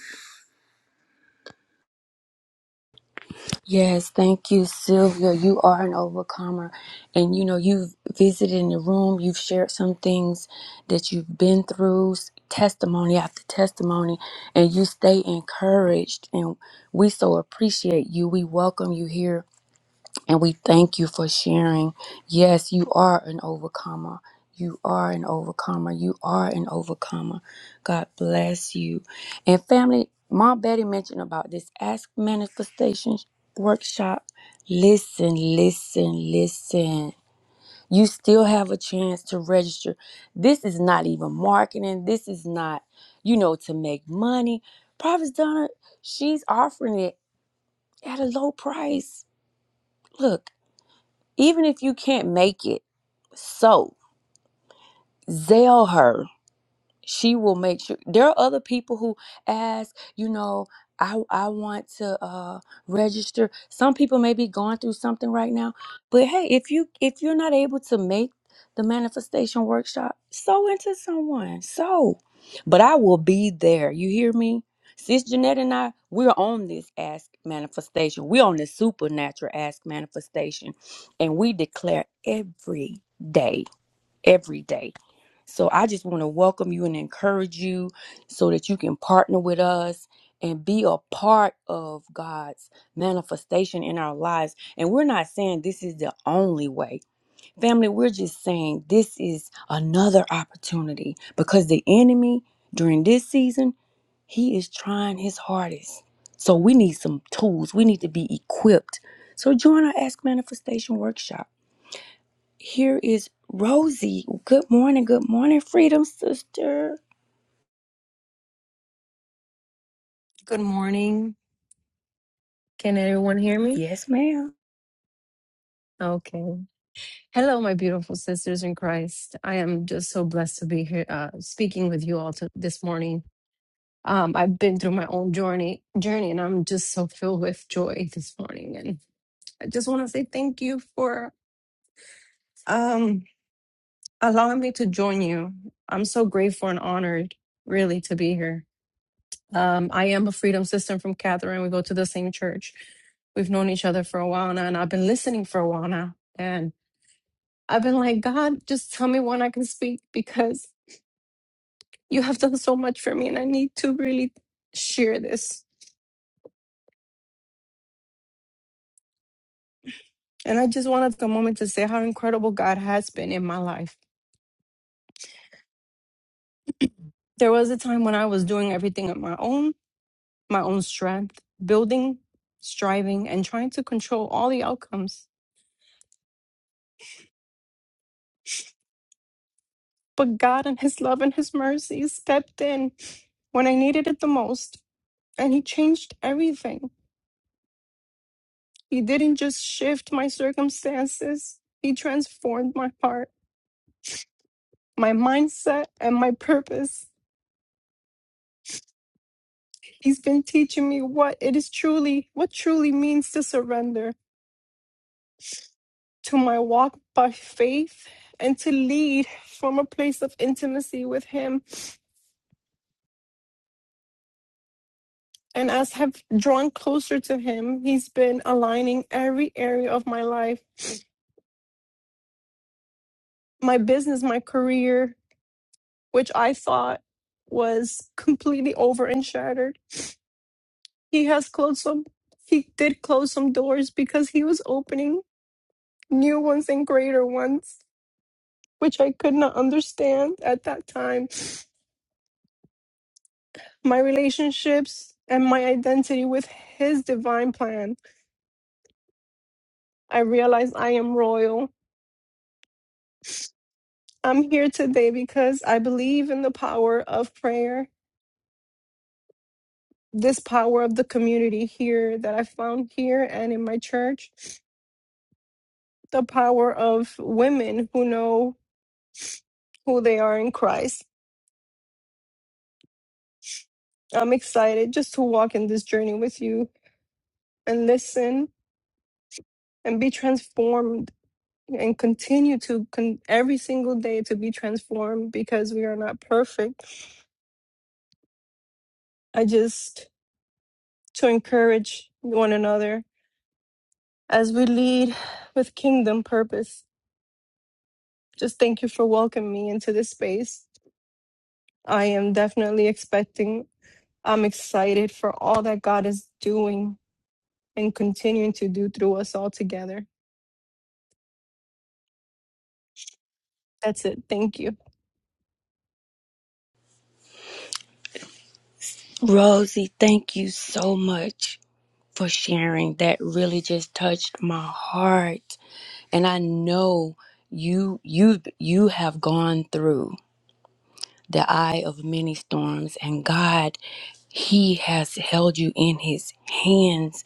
Yes, thank you, Sylvia. You are an overcomer, and you know you've visited in the room. You've shared some things that you've been through, s- testimony after testimony, and you stay encouraged. And we so appreciate you. We welcome you here And we thank you for sharing. Yes, you are an overcomer. You are an overcomer. You are an overcomer. God bless you. And family, Mom Betty mentioned about this Ask Manifestation workshop. Listen, listen, listen. You still have a chance to register. This is not even marketing. This is not, you know, to make money. Prophet Donna, she's offering it at a low price. Look, even if you can't make it, so zeal her she will make sure there are other people who ask you know i i want to uh register some people may be going through something right now but hey if you if you're not able to make the manifestation workshop sew into someone sew. but i will be there you hear me sis jeanette and i we're on this ask manifestation we're on this supernatural ask manifestation and we declare every day every day. So I just want to welcome you and encourage you so that you can partner with us and be a part of God's manifestation in our lives. And we're not saying this is the only way. Family, we're just saying this is another opportunity because the enemy during this season, he is trying his hardest. So we need some tools. We need to be equipped. So join our Ask Manifestation workshop. Here is Rosie. Good morning. Good morning, Freedom Sister.
Good morning. Can everyone hear me?
Yes, ma'am.
Okay. Hello, my beautiful sisters in Christ. I am just so blessed to be here uh, speaking with you all to, this morning. Um, I've been through my own journey, journey, and I'm just so filled with joy this morning. And I just want to say thank you for um, allowing me to join you. I'm so grateful and honored, really, to be here. Um, I am a freedom sister from Catherine. We go to the same church. We've known each other for a while now, and I've been listening for a while now. and I've been like, God, just tell me when I can speak because you have done so much for me and I need to really share this. And I just wanted the moment to say how incredible God has been in my life. There was a time when I was doing everything on my own, my own strength, building, striving, and trying to control all the outcomes. But God and His love and His mercy stepped in when I needed it the most, and He changed everything. He didn't just shift my circumstances, He transformed my heart. my mindset and my purpose. He's been teaching me what it is truly, what truly means to surrender to my walk by faith and to lead from a place of intimacy with him. And as have drawn closer to him, he's been aligning every area of my life, my business, my career, which I thought was completely over and shattered. He has closed some he did close some doors because he was opening new ones and greater ones which I could not understand at that time, my relationships and my identity with His divine plan. I realize I am royal. I'm here today because I believe in the power of prayer, this power of the community here that I found here and in my church, the power of women who know who they are in Christ. I'm excited just to walk in this journey with you and listen and be transformed and continue to con- every single day to be transformed because we are not perfect. I just to encourage one another as we lead with kingdom purpose. Just thank you for welcoming me into this space. I am definitely expecting, I'm excited for all that God is doing and continuing to do through us all together. That's it. Thank you.
Rosie, thank you so much for sharing. That really just touched my heart. And I know you you you have gone through. the eye of many storms, and God, He has held you in His hands.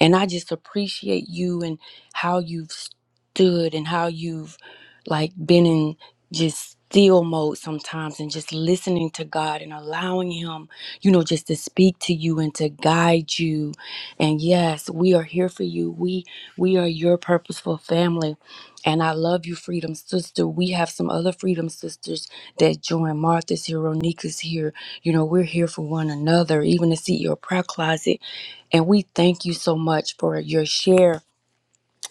And I just appreciate you and how you've stood and how you've like been in just still mode sometimes and just listening to God and allowing Him, you know, just to speak to you and to guide you. And yes, we are here for you. We we are your purposeful family and I love you, Freedom Sister. We have some other Freedom Sisters that join. Martha's here, Ronika's here. You know, we're here for one another, even to see your prayer closet. And we thank you so much for your share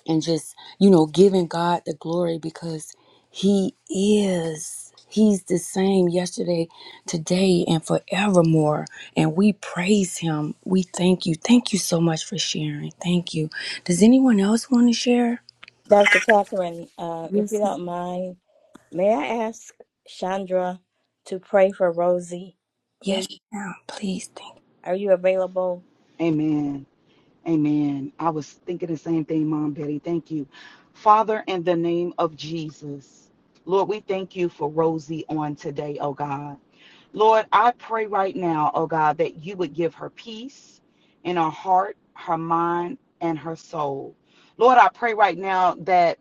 and just, you know, giving God the glory because He is. He's the same yesterday, today, and forevermore. And we praise Him. We thank you. Thank you so much for sharing. Thank you. Does anyone else want to share?
Dr. Catherine, uh, if you don't mind, may I ask Chandra to pray for Rosie,
Yes,
please?
ma'am. Please.
Are you available?
Amen. Amen. I was thinking the same thing, Mom Betty. Thank you. Father, in the name of Jesus, Lord, we thank you for Rosie on today, oh God. Lord, I pray right now, oh God, that you would give her peace in her heart, her mind, and her soul. Lord, I pray right now that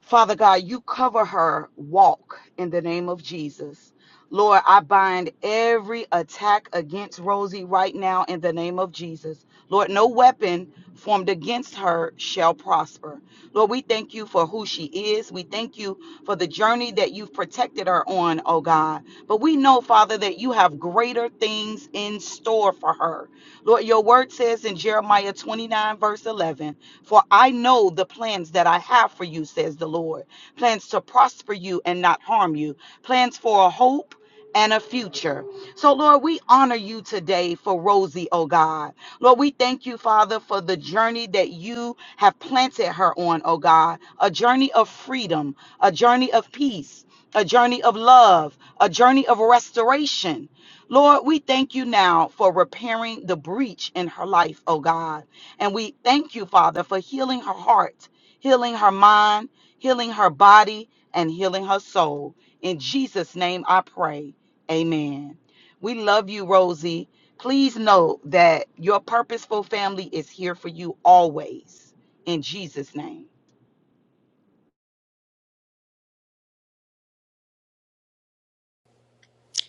Father God, you cover her walk in the name of Jesus. Lord, I bind every attack against Rosie right now in the name of Jesus. Lord, no weapon formed against her shall prosper. Lord, we thank you for who she is. We thank you for the journey that you've protected her on, oh God. But we know, Father, that you have greater things in store for her. Lord, your word says in Jeremiah 29, verse 11. For I know the plans that I have for you, says the Lord plans to prosper you and not harm you, plans for a hope. And a future. So, Lord, we honor you today for Rosie, oh God. Lord, we thank you, Father, for the journey that you have planted her on, oh God. A journey of freedom, a journey of peace, a journey of love, a journey of restoration. Lord, we thank you now for repairing the breach in her life, oh God. And we thank you, Father, for healing her heart, healing her mind, healing her body, and healing her soul. In Jesus' name I pray. Amen. We love you, Rosie. Please know that your purposeful family is here for you always. In Jesus' name.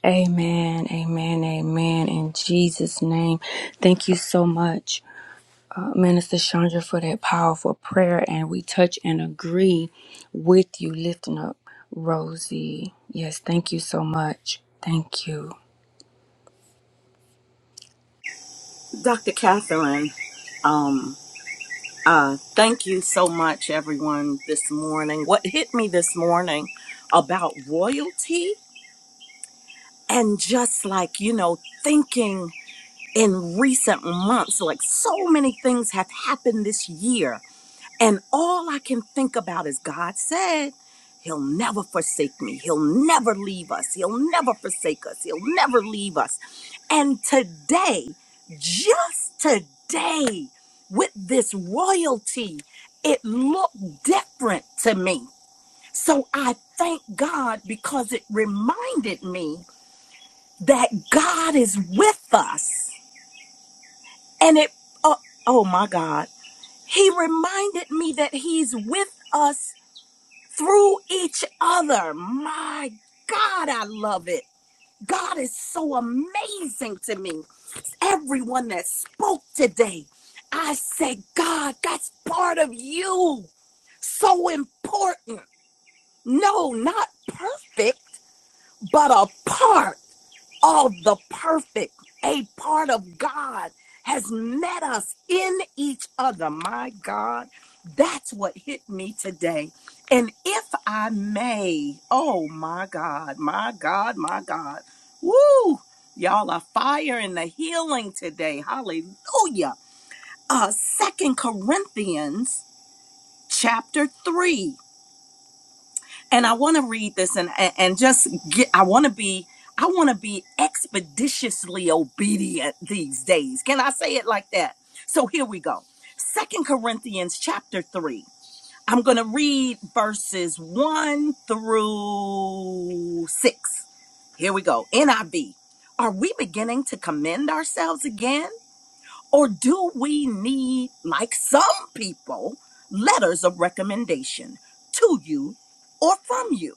Amen, amen, amen. In Jesus' name, thank you so much, uh, Minister Chandra, for that powerful prayer. And we touch and agree with you, lifting up Rosie. Yes, thank you so much. Thank you.
Dr. Catherine, um, uh, thank you so much, everyone, this morning. What hit me this morning about royalty and just like, you know, thinking in recent months, like so many things have happened this year. And all I can think about is God said, He'll never forsake me. He'll never leave us. He'll never forsake us. He'll never leave us. And today, just today, with this royalty, it looked different to me. So I thank God because it reminded me that God is with us. And it, oh, oh my God, He reminded me that He's with us through each other. My God, I love it. God is so amazing to me. everyone that spoke today. I said, God, that's part of you. So important. No, not perfect, but a part all the perfect, a part of God has met us in each other. My God, that's what hit me today. And if I may, oh my God, my God, my God, woo, y'all are fire in the healing today. Hallelujah. Uh, Second Corinthians chapter 3 and I want to read this and and just get I want to be I want to be expeditiously obedient these days. Can I say it like that? So here we go. Second Corinthians chapter 3. I'm going to read verses 1 through 6. Here we go. NIV. Are we beginning to commend ourselves again? Or do we need, like some people, letters of recommendation to you or from you?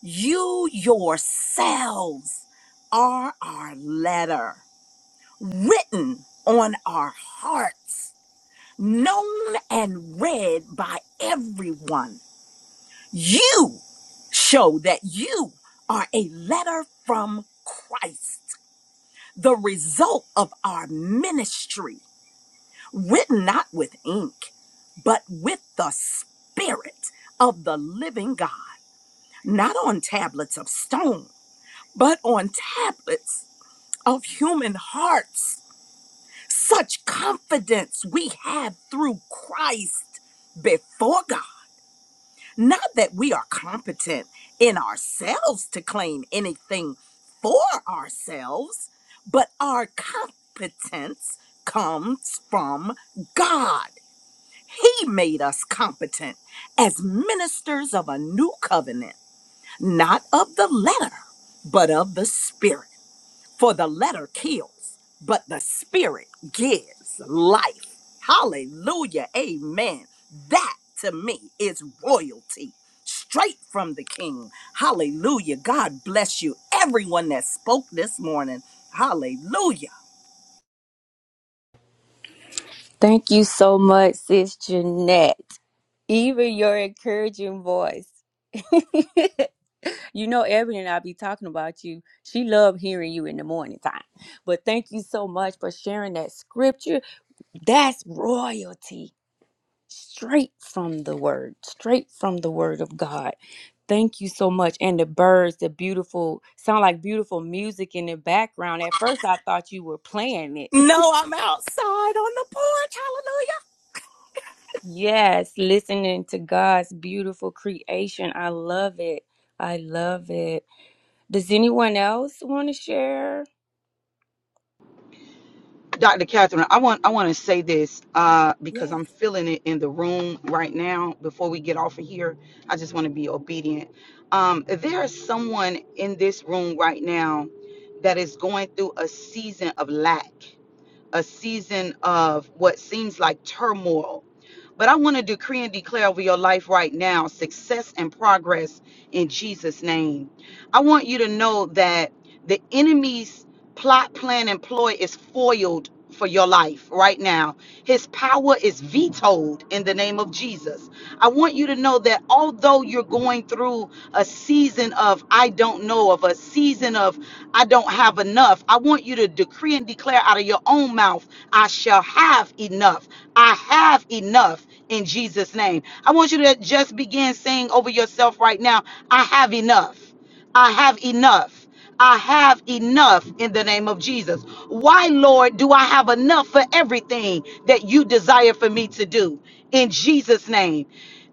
You yourselves are our letter, written on our hearts, known and read by everyone. You show that you are a letter from Christ, the result of our ministry, written not with ink, but with the Spirit of the living God, not on tablets of stone, but on tablets of human hearts. Such confidence we have through Christ before God. Not that we are competent in ourselves to claim anything for ourselves, but our competence comes from God. He made us competent as ministers of a new covenant, not of the letter, but of the spirit. For the letter kills, but the spirit gives life. Hallelujah. Amen. That to me is royalty straight from the king. Hallelujah. God bless you. Everyone that spoke this morning. Hallelujah.
Thank you so much, Sis Jeanette. Even your encouraging voice. you know, Evan and I be talking about you. She loved hearing you in the morning time. But thank you so much for sharing that scripture. That's royalty straight from the word, straight from the word of God. Thank you so much. And the birds, the beautiful, sound like beautiful music in the background. At first, I thought you were playing it.
No, I'm outside on the porch. Hallelujah.
Yes, listening to God's beautiful creation. I love it. I love it. Does anyone else want to share?
Dr. Catherine, I want I want to say this uh, because
Yes.
I'm feeling it in the room right now. Before we get off of here, I just want to be obedient. Um, there is someone in this room right now that is going through a season of lack, a season of what seems like turmoil, but I want to decree and declare over your life right now success and progress in Jesus' name. I want you to know that the enemy's plot, plan, and ploy is foiled for your life right now his power is vetoed in the name of Jesus. I want you to know that although you're going through a season of I don't know, of a season of I don't have enough, I want you to decree and declare out of your own mouth, I shall have enough. I have enough in Jesus' name. I want you to just begin saying over yourself right now, I have enough. I have enough. I have enough in the name of Jesus. Why, Lord, do I have enough for everything that you desire for me to do in Jesus' name?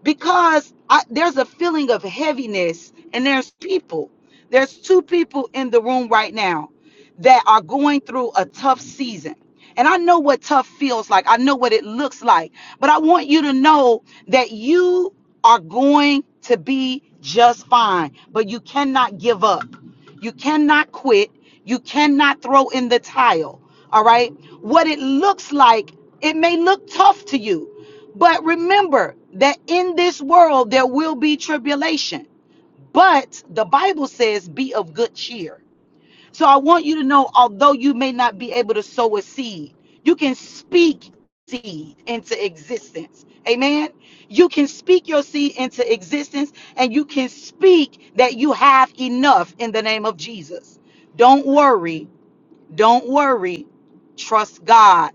Because I, there's a feeling of heaviness, and there's people. There's two people in the room right now that are going through a tough season. And I know what tough feels like. I know what it looks like. But I want you to know that you are going to be just fine. But you cannot give up. You cannot quit. You cannot throw in the towel. All right? What it looks like, it may look tough to you. But remember that in this world, there will be tribulation. But the Bible says, be of good cheer so I want you to know, although you may not be able to sow a seed, you can speak seed into existence. Amen. You can speak your seed into existence and you can speak that you have enough in the name of Jesus. Don't worry. Don't worry. Trust God.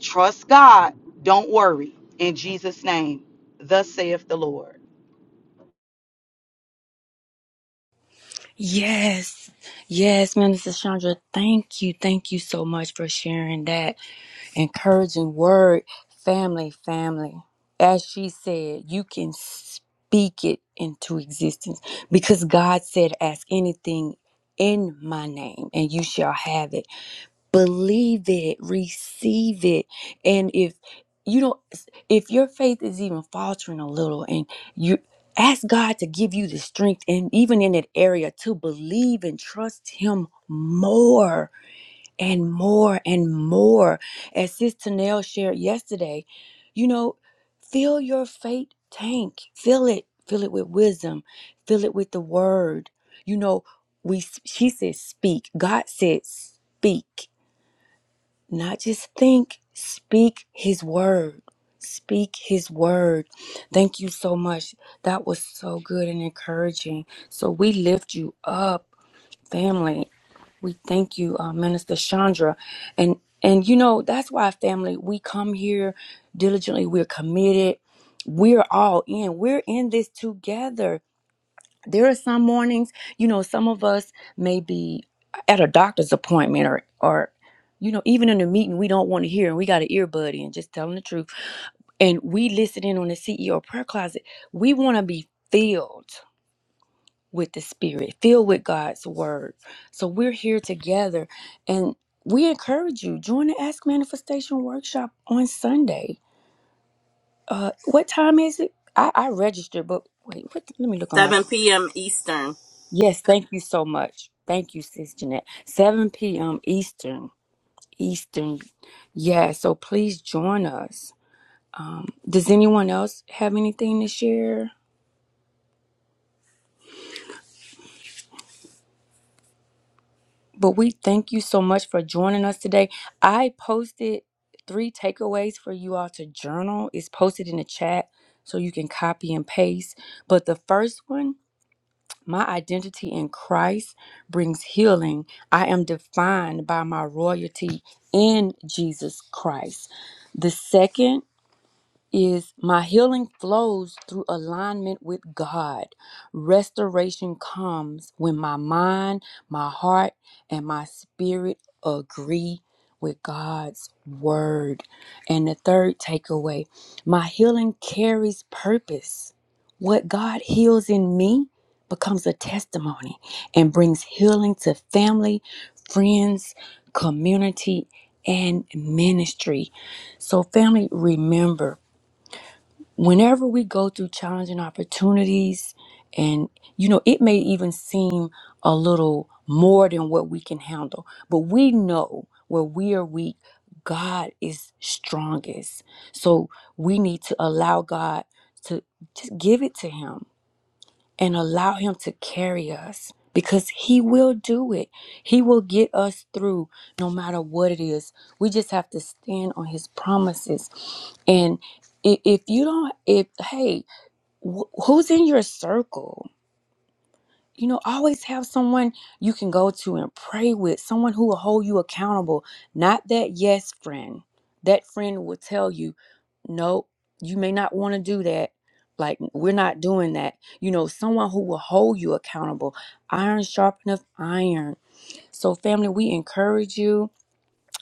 Trust God. Don't worry. In Jesus' name, thus saith the Lord.
Yes. Yes, Minister Chandra, thank you. Thank you so much for sharing that. encouraging word family family as she said you can speak it into existence because god said ask anything in my name and you shall have it believe it receive it and if you don't if your faith is even faltering a little and you ask god to give you the strength and even in that area to believe and trust him more and more and more. As Sis Tanel shared yesterday, you know, fill your faith tank. Fill it. Fill it with wisdom. Fill it with the word. You know, we she said speak. God said speak. Not just think, speak his word. Speak his word. Thank you so much. That was so good and encouraging. So we lift you up, family. We thank you, uh, Minister Chandra, and and you know that's why family. We come here diligently. We're committed. We're all in. We're in this together. There are some mornings, you know, some of us may be at a doctor's appointment or or you know even in a meeting we don't want to hear and we got an earbud and just telling the truth and we listen in on the ceo prayer closet we want to be filled with the Spirit, filled with God's Word. So we're here together and we encourage you join the Ask Manifestation Workshop on Sunday. Uh, what time is it? I, I registered, but wait, what, let me look on my.
7 p.m. Eastern.
Yes, thank you so much. Thank you, Sis Jeanette. 7 p.m. Eastern. Eastern. Yeah, so please join us. Does anyone else have anything to share? But we thank you so much for joining us today. I posted three takeaways for you all to journal. It's posted in the chat so you can copy and paste. But the first one, my identity in Christ brings healing. I am defined by my royalty in Jesus Christ. The second, is my healing flows through alignment with God. Restoration comes when my mind, my heart, and my spirit agree with God's word. And the third takeaway my healing carries purpose. What God heals in me becomes a testimony and brings healing to family, friends, community, and ministry. So, family, remember whenever we go through challenging opportunities and you know it may even seem a little more than what we can handle but we know where we are weak god is strongest so we need to allow god to just give it to him and allow Him to carry us because He will do it. He will get us through no matter what it is. We just have to stand on His promises. And i- if you don't, if, hey, wh- who's in your circle? you know, always have someone you can go to and pray with, someone who will hold you accountable. Not that yes friend. That friend will tell you, no, you may not want to do that. Like, we're not doing that. You know, someone who will hold you accountable. Iron sharpeneth iron. So, family, we encourage you.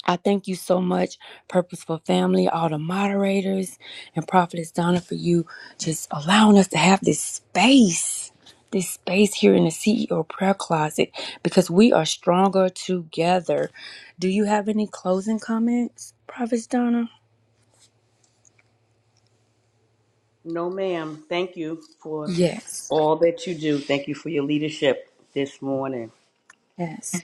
I thank you so much, Purposeful Family, all the moderators, and Prophetess Donna for you just allowing us to have this space, this space here in the CEO prayer closet because we are stronger together. Do you have any closing comments, Prophetess Donna?
No, ma'am. Thank you for
Yes.
all that you do. Thank you for your leadership this morning.
Yes.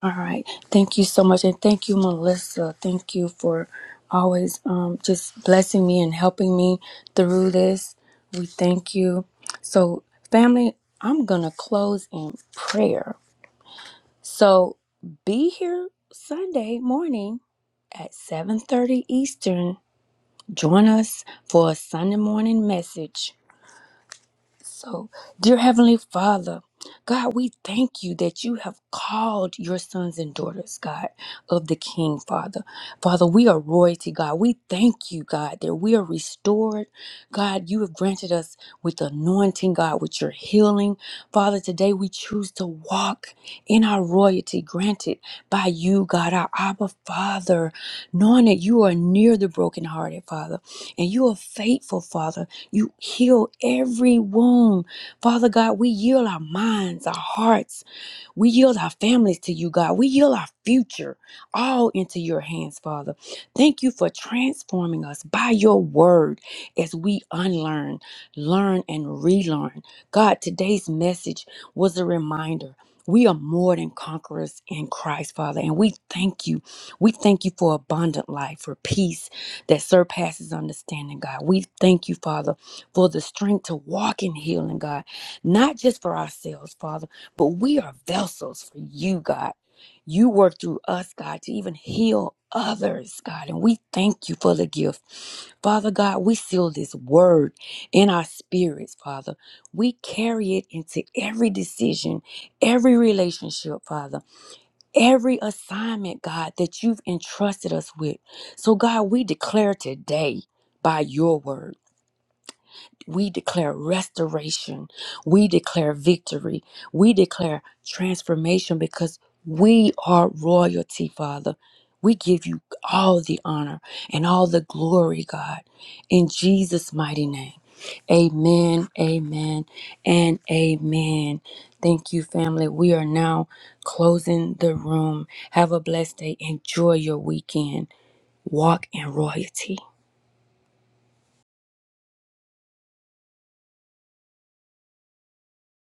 All right. Thank you so much. And thank you, Melissa. Thank you for always um, just blessing me and helping me through this. We thank you. So, family, I'm going to close in prayer. So, be here Sunday morning at 7:30 Eastern. Join us for a Sunday morning message. So, dear Heavenly Father, God, we thank you that you have called your sons and daughters, God, of the King, Father. Father, we are royalty, God. We thank you, God, that we are restored. God, you have granted us with anointing, God, with your healing. Father, today we choose to walk in our royalty granted by you, God, our Abba Father, knowing that you are near the brokenhearted, Father, and you are faithful, Father. You heal every wound. Father God, we yield our minds, our hearts, we yield our families to you, God. We yield our future all into your hands, Father. Thank you for transforming us by your word as we unlearn, learn, and relearn. God, today's message was a reminder. We are more than conquerors in Christ, Father, and we thank you. We thank you for abundant life, for peace that surpasses understanding, God. We thank you, Father, for the strength to walk in healing, God, not just for ourselves, Father but we are vessels for you, God. You work through us, God, to even heal others, God. And we thank you for the gift. Father God, we seal this word in our spirits, Father. We carry it into every decision, every relationship, Father, every assignment, God, that you've entrusted us with. So, God, we declare today by your word. We declare restoration. We declare victory. We declare transformation because we are royalty, Father. We give you all the honor and all the glory, God, in Jesus' mighty name. Amen, amen, and amen. Thank you, family. We are now closing the room. Have a blessed day. Enjoy your weekend. Walk in royalty.